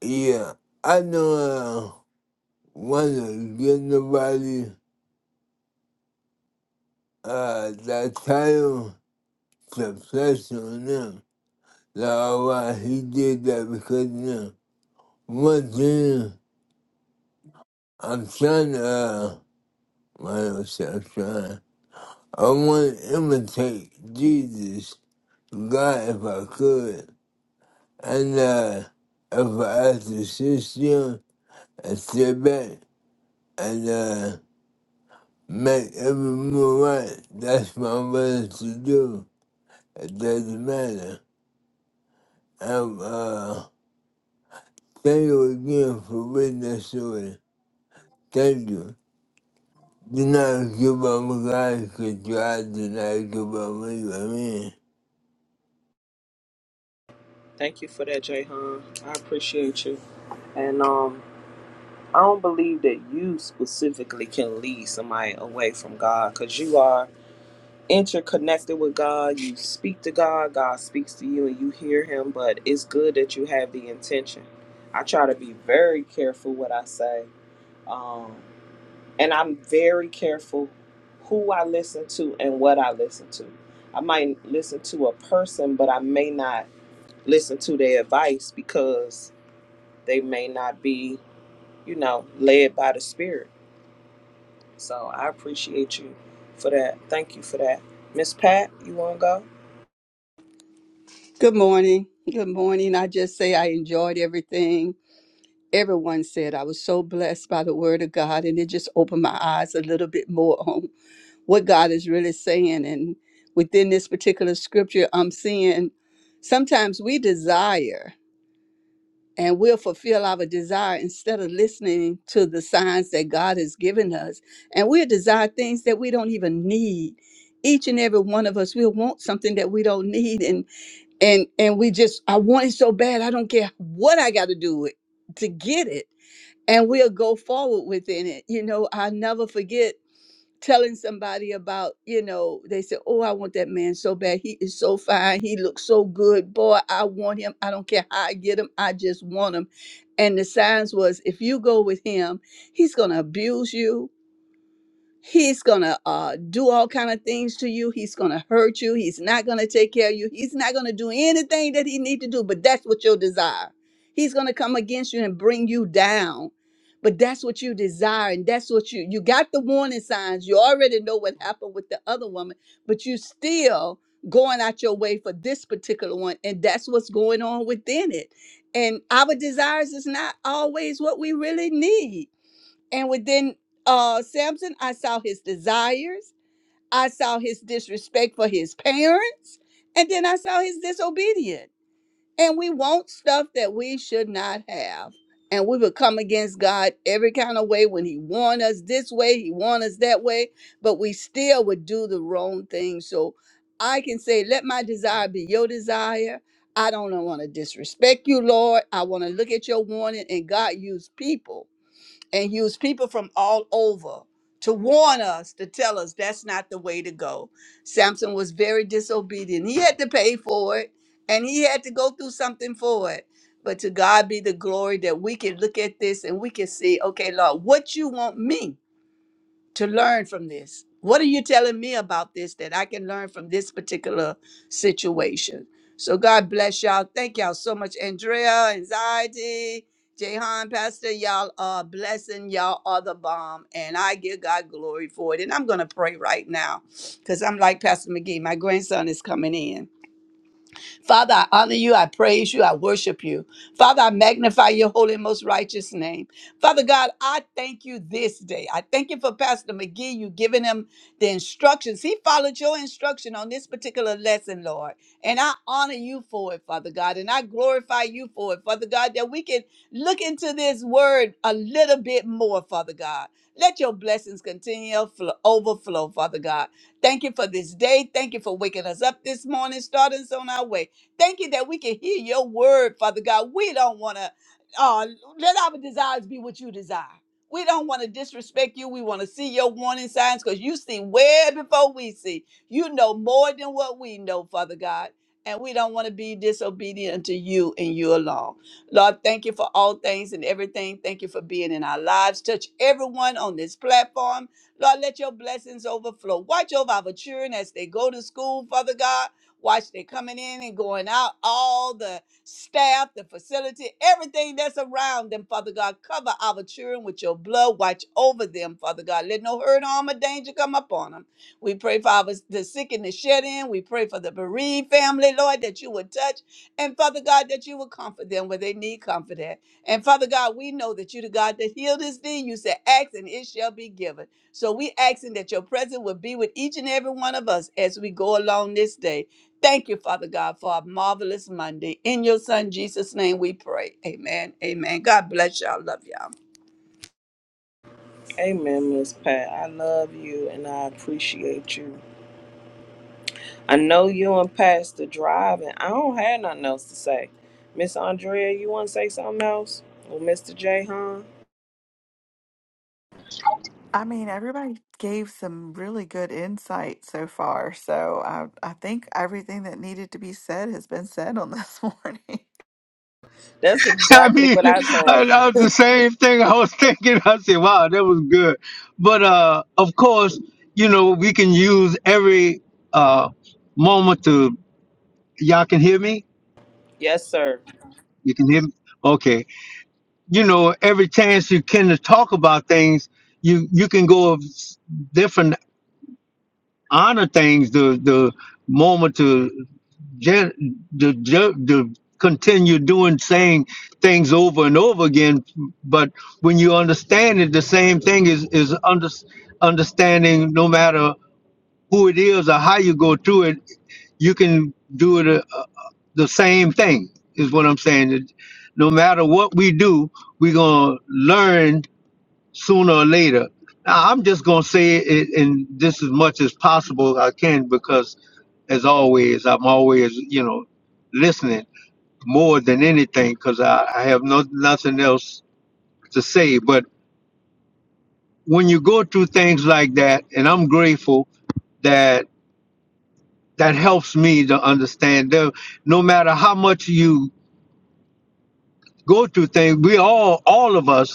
Speaker 3: Yeah, I know I don't want to give nobody uh, that title to place on them. Like, oh, wow, he did that because of them. One thing I'm trying to, uh, what else I'm trying? I want to imitate Jesus, God, if I could. And, uh, if I had to assist you and step back and, uh, make every move right, that's my way to do. It doesn't matter. I'm, uh, thank you again for reading that story. Thank you. Do not give up on God because God did not give up on you. Amen.
Speaker 2: Thank you for that, Jay I appreciate you. And um I don't believe that you specifically can lead somebody away from God because you are interconnected with God. You speak to God, God speaks to you, and you hear Him. But it's good that you have the intention. I try to be very careful what I say, um, and I'm very careful who I listen to and what I listen to. I might listen to a person, but I may not listen to their advice because they may not be, you know, led by the Spirit So I appreciate you for that. Thank you for that. Miss Pat, you want to go?
Speaker 5: Good morning. Good morning. I just say I enjoyed everything. Everyone said I was so blessed by the word of God, and it just opened my eyes a little bit more on what God is really saying. And within this particular scripture, I'm seeing sometimes we desire and we'll fulfill our desire instead of listening to the signs that God has given us. And we'll desire things that we don't even need. Each and every one of us will want something that we don't need and and we just i want it so bad i don't care what i got to do it to get it and we'll go forward within it you know i'll never forget telling somebody about you know they said oh i want that man so bad he is so fine he looks so good boy i want him i don't care how i get him i just want him and the signs was if you go with him he's gonna abuse you he's gonna uh, do all kind of things to you he's gonna hurt you he's not gonna take care of you he's not gonna do anything that he need to do but that's what your desire he's gonna come against you and bring you down but that's what you desire and that's what you you got the warning signs you already know what happened with the other woman but you still going out your way for this particular one and that's what's going on within it and our desires is not always what we really need and within uh, Samson, I saw his desires, I saw his disrespect for his parents, and then I saw his disobedience. And we want stuff that we should not have. And we would come against God every kind of way when He warned us this way, He warned us that way, but we still would do the wrong thing. So I can say, Let my desire be your desire. I don't want to disrespect you, Lord. I want to look at your warning, and God used people and use people from all over to warn us, to tell us that's not the way to go. Samson was very disobedient. He had to pay for it and he had to go through something for it. But to God be the glory that we can look at this and we can see, okay, Lord, what you want me? to learn from this? What are you telling me about this that I can learn from this particular situation? So God bless y'all. Thank y'all so much. Andrea, anxiety, Jehan, Pastor, y'all are a blessing. Y'all are the bomb. And I give God glory for it. And I'm going to pray right now because I'm like Pastor McGee. My grandson is coming in. Father, I honor you. I praise you. I worship you. Father, I magnify your holy and most righteous name. Father God, I thank you this day. I thank you for Pastor McGee. You giving him the instructions. He followed your instruction on this particular lesson, Lord. And I honor you for it, Father God. And I glorify you for it, Father God, that we can look into this word a little bit more, Father God. Let your blessings continue to flo- overflow, Father God. Thank you for this day. Thank you for waking us up this morning, starting us on our way. Thank you that we can hear your word, Father God. We don't want to, uh, let our desires be what you desire. We don't want to disrespect you. We want to see your warning signs because you see way before we see. You know more than what we know, Father God. And we don't want to be disobedient to you and you alone. Lord, thank you for all things and everything. Thank you for being in our lives. Touch everyone on this platform. Lord, let your blessings overflow. Watch over our children as they go to school, Father God. Watch they coming in and going out, all the staff, the facility, everything that's around them, Father God. Cover our children with your blood. Watch over them, Father God. Let no hurt, harm, or danger come upon them. We pray for our, the sick and the shed in. We pray for the bereaved family, Lord, that you would touch. And Father God, that you would comfort them where they need comfort at. And Father God, we know that you the God that healed us thee. You said, ask and it shall be given. So we asking that your presence would be with each and every one of us as we go along this day. Thank you, Father God, for a marvelous Monday. In your Son Jesus' name we pray. Amen. Amen. God bless y'all. Love y'all.
Speaker 2: Amen, Miss Pat. I love you and I appreciate you. I know you and Pastor driving. I don't have nothing else to say. Miss Andrea, you want to say something else? Or Mr. J, huh?
Speaker 4: I mean, everybody gave some really good insight so far, so I I think everything that needed to be said has been said on this morning.
Speaker 2: That's
Speaker 1: I
Speaker 2: exactly
Speaker 1: mean,
Speaker 2: what I thought.
Speaker 1: I, that was the same thing I was thinking. I said, wow, that was good. But uh, of course, you know, we can use every uh, moment to, y'all can hear me?
Speaker 2: Yes, sir.
Speaker 1: You can hear me? Okay. You know, every chance you can to talk about things, you, you can go of s- different honor things, the the moment to gen, the, the, the continue doing saying things over and over again. But when you understand it, the same thing is is under, understanding. No matter who it is or how you go through it, you can do it a, a- the same thing. Is what I'm saying. It- No matter what we do, we're gonna learn sooner or later. Now, I'm just going to say it in just as much as possible I can because, as always, I'm always, you know, listening more than anything because I, I have no, nothing else to say. But when you go through things like that, and I'm grateful that that helps me to understand that no matter how much you go through things, we all, all of us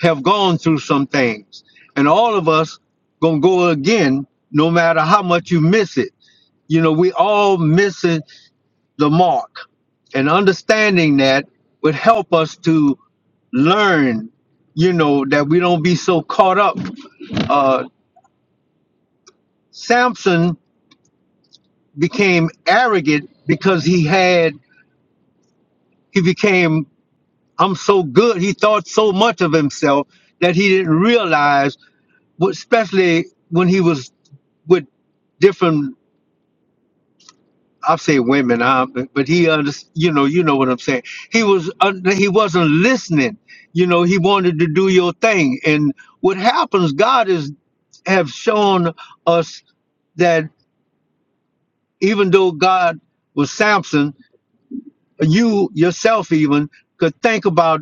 Speaker 1: have gone through some things. And all of us gonna go again, no matter how much you miss it. You know, we all missing the mark. And understanding that would help us to learn, you know, that we don't be so caught up. Uh Samson became arrogant because he had he became I'm so good. He thought so much of himself that he didn't realize, what- especially when he was with different I say women, uh, but, but he under, you know, you know what I'm saying. He was un, he wasn't listening. You know, he wanted to do your thing. And what happens, God is have shown us that even though God was Samson, you yourself even could think about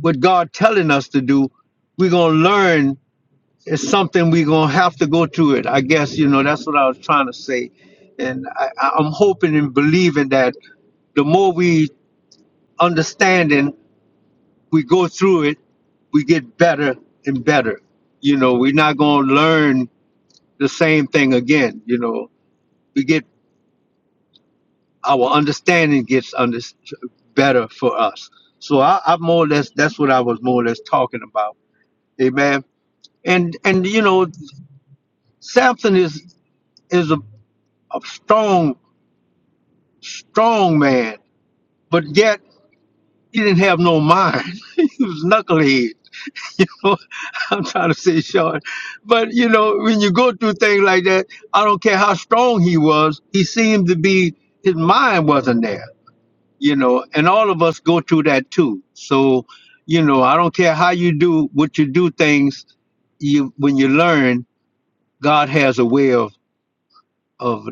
Speaker 1: what God telling us to do. We're gonna learn it's something we're gonna have to go through it. I guess you know that's what I was trying to say, and I, I- I'm hoping and believing that the more we understanding, we go through it, we get better and better. You know, we're not going to learn the same thing again. You know, we get our understanding gets under, better for us. So I, I more or less that's what I was more or less talking about. Amen. And and you know, Samson is is a, a strong strong man, but yet he didn't have no mind. he was knucklehead So I'm trying to say short. But you know, when you go through things like that, I don't care how strong he was, he seemed to be his mind wasn't there, you know, and all of us go through that too. So, you know, I don't care how you do what you do things, you when you learn, God has a way of of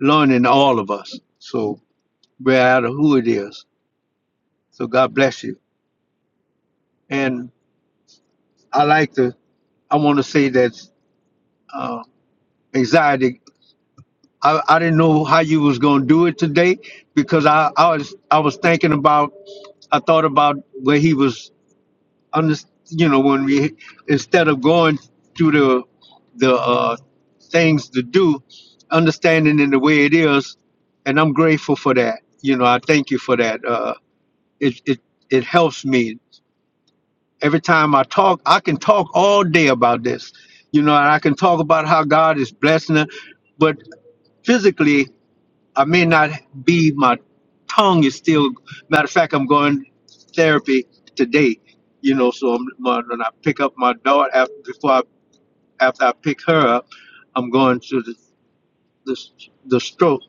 Speaker 1: learning all of us. So no matter who it is. So God bless you. And I like to I want to say that uh, anxiety I, I didn't know how you was gonna do it today because I, I was I was thinking about I thought about where he was under you know when we instead of going through the the uh, things to do, understanding in the way it is, and I'm grateful for that. You know I thank you for that. Uh, it it it helps me every time I talk. I can talk all day about this, you know, and I can talk about how God is blessing her, but physically I may not be, my tongue is still, matter of fact, I'm going therapy today, you know, so I'm, my, when I pick up my daughter, after, before I, after I pick her up, I'm going to the, the, the stroke.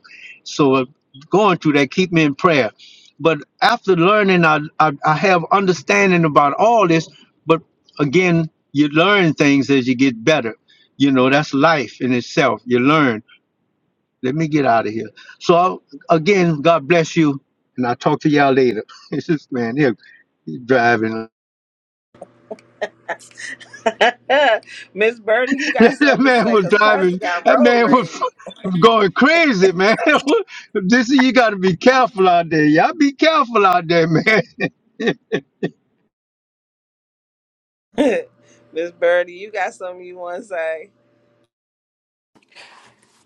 Speaker 1: So uh, going through that, keep me in prayer. But after learning, I, I, I have understanding about all this, but again, you learn things as you get better. You know, that's life in itself. You learn let me get out of here. So again, God bless you, and I'll talk to y'all later. It's just man, here he's driving.
Speaker 2: Miss Birdie, you got
Speaker 1: that
Speaker 2: something to
Speaker 1: man
Speaker 2: say
Speaker 1: was
Speaker 2: because Pastor
Speaker 1: driving.
Speaker 2: got
Speaker 1: That
Speaker 2: road
Speaker 1: man was
Speaker 2: rage.
Speaker 1: going crazy, man. this you got to be careful out there. Y'all be careful out there, man.
Speaker 2: Miss Birdie, you got something you want to say?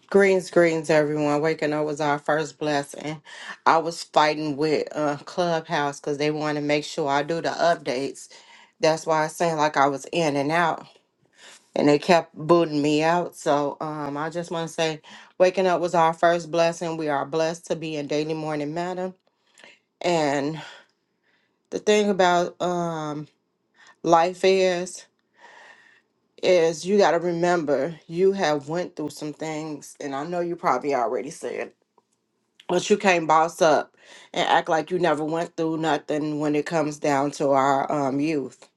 Speaker 6: Greens, greens, everyone. Waking up was our first blessing. I was fighting with uh, Clubhouse because they wanted to make sure I do the updates. That's why I seemed like I was in and out, and they kept booting me out. So um, I just want to say, waking up was our first blessing. We are blessed to be in daily morning matter. And the thing about um, life is, is you got to remember you have went through some things, and I know you probably already said But you can't boss up and act like you never went through nothing when it comes down to our um, youth.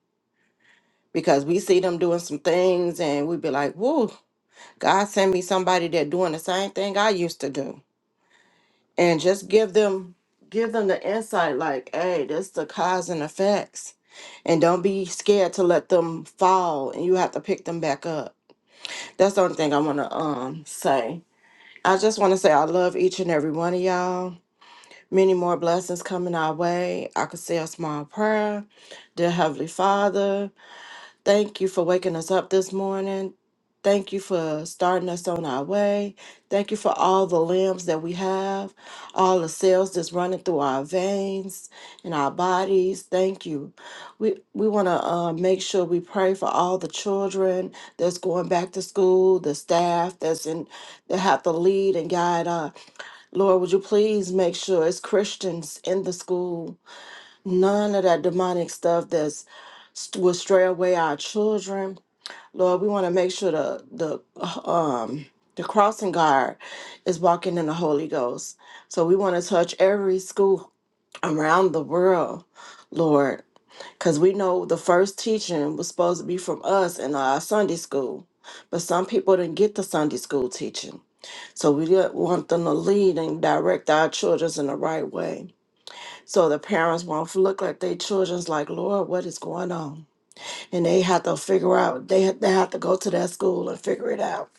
Speaker 6: Because we see them doing some things and we be like, whoa, God send me somebody that doing the same thing I used to do. And just give them give them the insight like, hey, this the cause and effects. And don't be scared to let them fall and you have to pick them back up. That's the only thing I wanna um say. I just wanna say I love each and every one of y'all. Many more blessings coming our way. I could say a small prayer. Dear Heavenly Father, thank you for waking us up this morning. Thank you for starting us on our way. Thank you for all the limbs that we have, all the cells that's running through our veins and our bodies. Thank you. We we want to uh, make sure we pray for all the children that's going back to school, the staff that's in that have to lead and guide us Lord, would you please make sure it's Christians in the school? None of that demonic stuff that's st- will stray away our children. Lord, we want to make sure the the uh, um the crossing guard is walking in the Holy Ghost. So we want to touch every school around the world, Lord, because we know the first teaching was supposed to be from us in our Sunday school, but some people didn't get the Sunday school teaching. So we did want them to lead and direct our children in the right way. So the parents won't look like their children's like, Lord, what is going on? And they have to figure out, they, they have to go to that school and figure it out.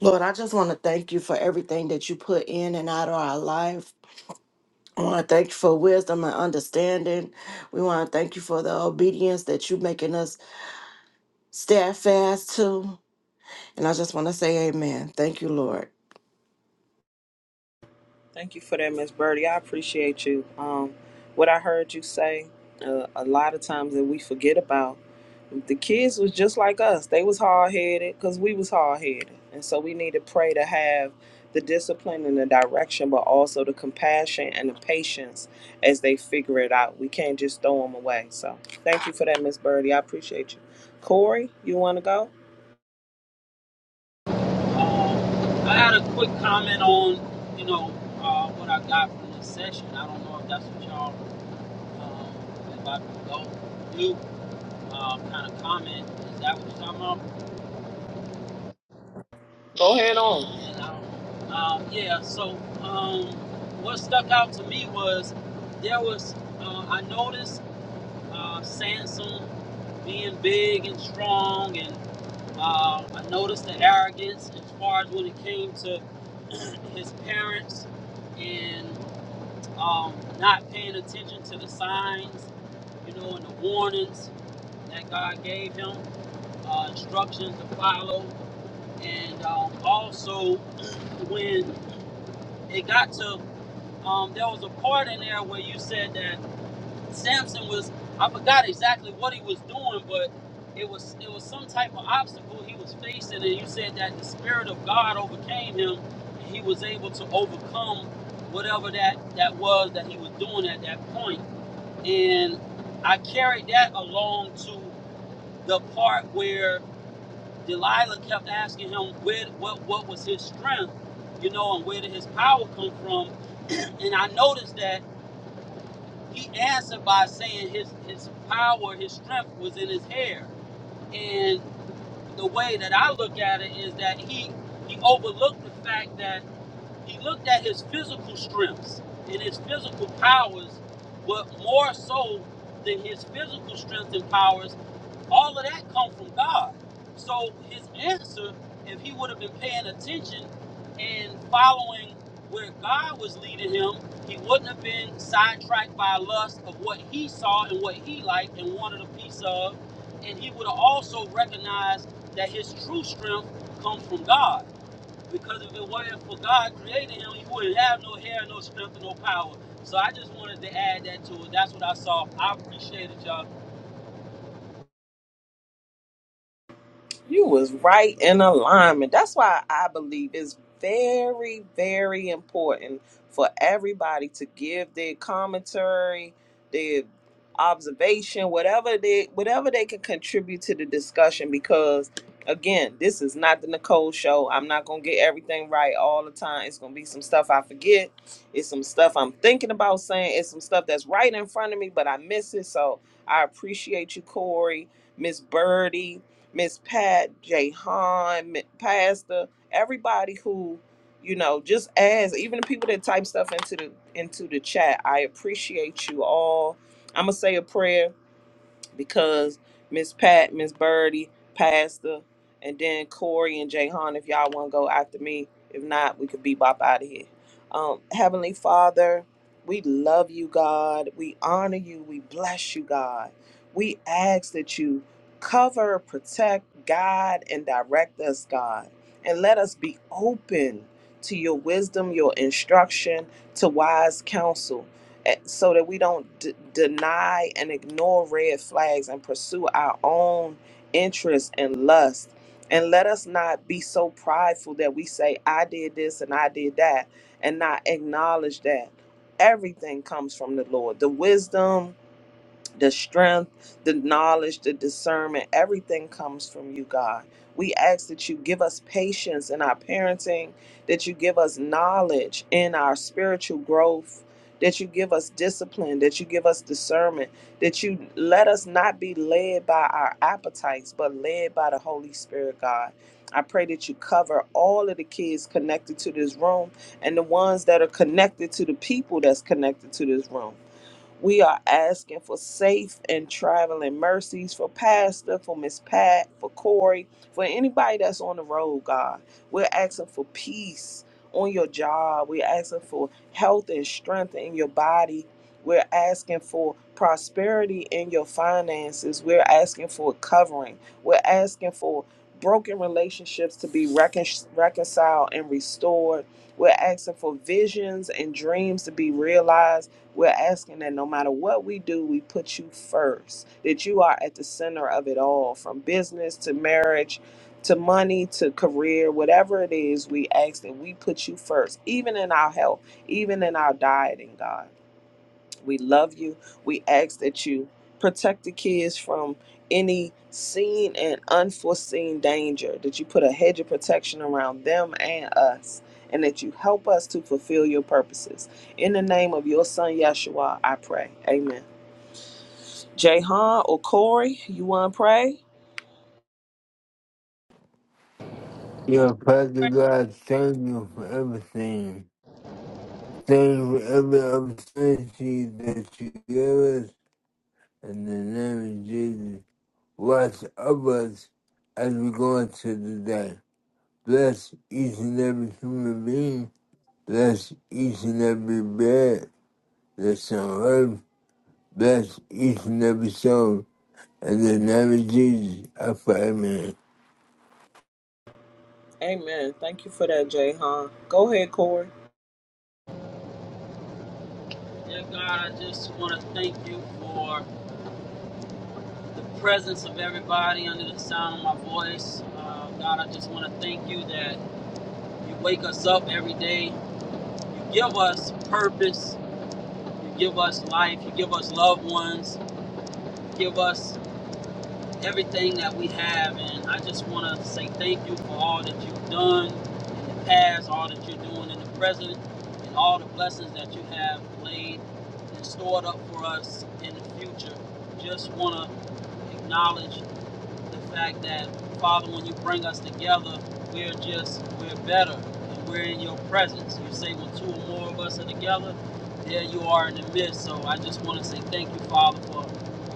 Speaker 6: Lord, I just want to thank you for everything that you put in and out of our life. I want to thank you for wisdom and understanding. We want to thank you for the obedience that you're making us steadfast to. And I just want to say amen. Thank you, Lord.
Speaker 2: Thank you for that, Miss Birdie. I appreciate you. Um, what I heard you say uh, a lot of times that we forget about. The kids was just like us. They was hard headed because we was hard headed, and so we need to pray to have the discipline and the direction, but also the compassion and the patience as they figure it out. We can't just throw them away. So thank you for that, Miss Birdie. I appreciate you. Corey, you want to go?
Speaker 7: Um, I had a quick comment on, you know, uh, what I got from this session. I don't know if that's what y'all, um, if I can go do, uh, kind of comment. Is that what you're talking about?
Speaker 2: Go ahead on.
Speaker 7: And I don't know. Um, yeah, so um, what stuck out to me was there was, uh, I noticed uh, Sansom being big and strong, and uh, I noticed the arrogance as far as when it came to his parents and. um, not paying attention to the signs, you know, and the warnings that God gave him, uh, instructions to follow. And um, also, when it got to, um, there was a part in there where you said that Samson was, I forgot exactly what he was doing, but it was it was some type of obstacle he was facing, and you said that the spirit of God overcame him, and he was able to overcome whatever that that was that he was doing at that point and I carried that along to the part where Delilah kept asking him where what what was his strength, you know, and where did his power come from. And I noticed that he answered by saying his his power, his strength was in his hair. And the way that I look at it is that he he overlooked the fact that he looked at his physical strengths and his physical powers, but more so than his physical strength and powers All of that come from God. So his answer, if he would have been paying attention and following where God was leading him, he wouldn't have been sidetracked by lust of what he saw and what he liked and wanted a piece of. And he would have also recognized that his true strength comes from God. Because if it wasn't for God creating him, he wouldn't have no hair, no strength, and no power. So I just wanted to add that to it. That's what I saw. I appreciate it, y'all.
Speaker 2: You was right in alignment. That's why I believe it's very, very important for everybody to give their commentary, their observation, whatever they whatever they can contribute to the discussion because again, this is not the Nicole show. I'm not gonna get everything right all the time. It's gonna be some stuff I forget. It's some stuff I'm thinking about saying. It's some stuff that's right in front of me, but I miss it. So I appreciate you, Corey, Miss Birdie. Miss Pat, Jay Hahn, Pastor, everybody who, you know, just as even the people that type stuff into the into the chat. I appreciate you all. I'm gonna say a prayer because Miss Pat, Miss Birdie, Pastor, and then Corey and Jay Han, if y'all want to go after me. If not, we could bebop out of here. Um, Heavenly Father, we love you, God. We honor you. We bless you, God. We ask that you cover, protect, guide, and direct us, God. And let us be open to your wisdom, your instruction, to wise counsel eh, so that we don't d- deny and ignore red flags and pursue our own interests and lust. And let us not be so prideful that we say, I did this and I did that, and not acknowledge that everything comes from the Lord. The wisdom, the strength, the knowledge, the discernment, everything comes from you, God. We ask that you give us patience in our parenting, that you give us knowledge in our spiritual growth, that you give us discipline, that you give us discernment, that you let us not be led by our appetites, but led by the Holy Spirit, God. I pray that you cover all of the kids connected to this room and the ones that are connected to the people that's connected to this room. We are asking for safe and traveling mercies for Pastor, for Miss Pat, for Corey, for anybody that's on the road, God. We're asking for peace on your job. We're asking for health and strength in your body. We're asking for prosperity in your finances. We're asking for covering. We're asking for broken relationships to be recon- reconciled and restored. We're asking for visions and dreams to be realized. We're asking that no matter what we do, we put you first, that you are at the center of it all, from business to marriage to money to career, whatever it is, we ask that we put you first, even in our health, even in our dieting, God. We love you. We ask that you protect the kids from any seen and unforeseen danger, that you put a hedge of protection around them and us, and that you help us to fulfill your purposes. In the name of your son, Yeshua, I pray. Amen. Jahan or Corey, you want to pray?
Speaker 3: Yeah, Father God, thank you for everything. Thank you for every opportunity that you give us. In the name of Jesus, watch over us as we go into the day. Bless each and every human being. Bless each and every bed that's on earth. Bless each and every soul. In the name of Jesus, I pray, amen.
Speaker 2: Amen. Thank you for that, Jahan. Go ahead, Corey.
Speaker 7: Dear God, I just want to thank you for the presence of everybody under the sound of my voice. Uh, God, I just want to thank you that you wake us up every day. You give us purpose. You give us life. You give us loved ones. You give us everything that we have. And I just want to say thank you for all that you've done in the past, all that you're doing in the present, and all the blessings that you have laid and stored up for us in the future. Just want to acknowledge the fact that Father, when you bring us together, we're just we're better and we're in your presence. You say when two or more of us are together, there you are in the midst. So I just want to say thank you, Father, for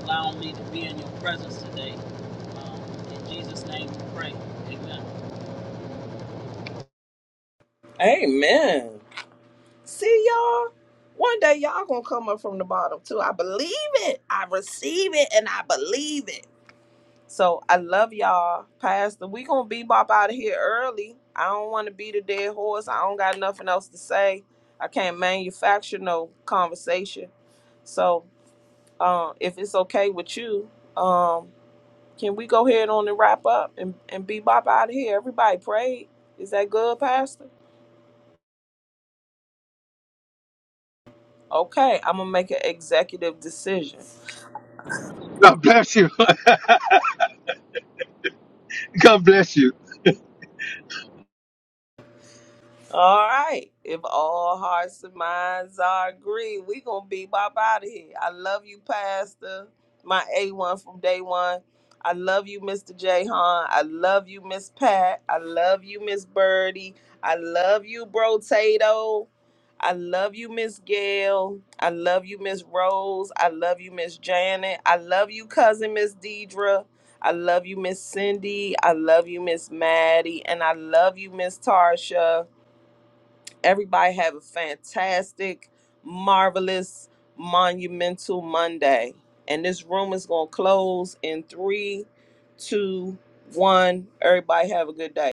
Speaker 7: allowing me to be in your presence today. Um, in Jesus' name we pray. Amen.
Speaker 2: Amen. See y'all? One day y'all gonna come up from the bottom too. I believe it. I receive it and I believe it. So I love y'all. Pastor, we gonna bebop out of here early. I don't wanna be the dead horse. I don't got nothing else to say. I can't manufacture no conversation. So um if it's okay with you, um, can we go ahead on and wrap up and, and bebop out of here? Everybody prayed. Is that good, Pastor? Okay, I'm gonna make an executive decision.
Speaker 1: God bless you. God bless you.
Speaker 2: All right. If all hearts and minds are agreed, we gonna be bop out of here. I love you, Pastor. My A one from day one. I love you, Mr. Jahan. I love you, Miss Pat. I love you, Miss Birdie. I love you, Bro Tato. I love you, Miss Gail. I love you, Miss Rose. I love you, Miss Janet. I love you, cousin Miss Deidre. I love you, Miss Cindy. I love you, Miss Maddie. And I love you, Miss Tarsha. Everybody have a fantastic, marvelous, monumental Monday. And this room is going to close in three, two, one. Everybody have a good day.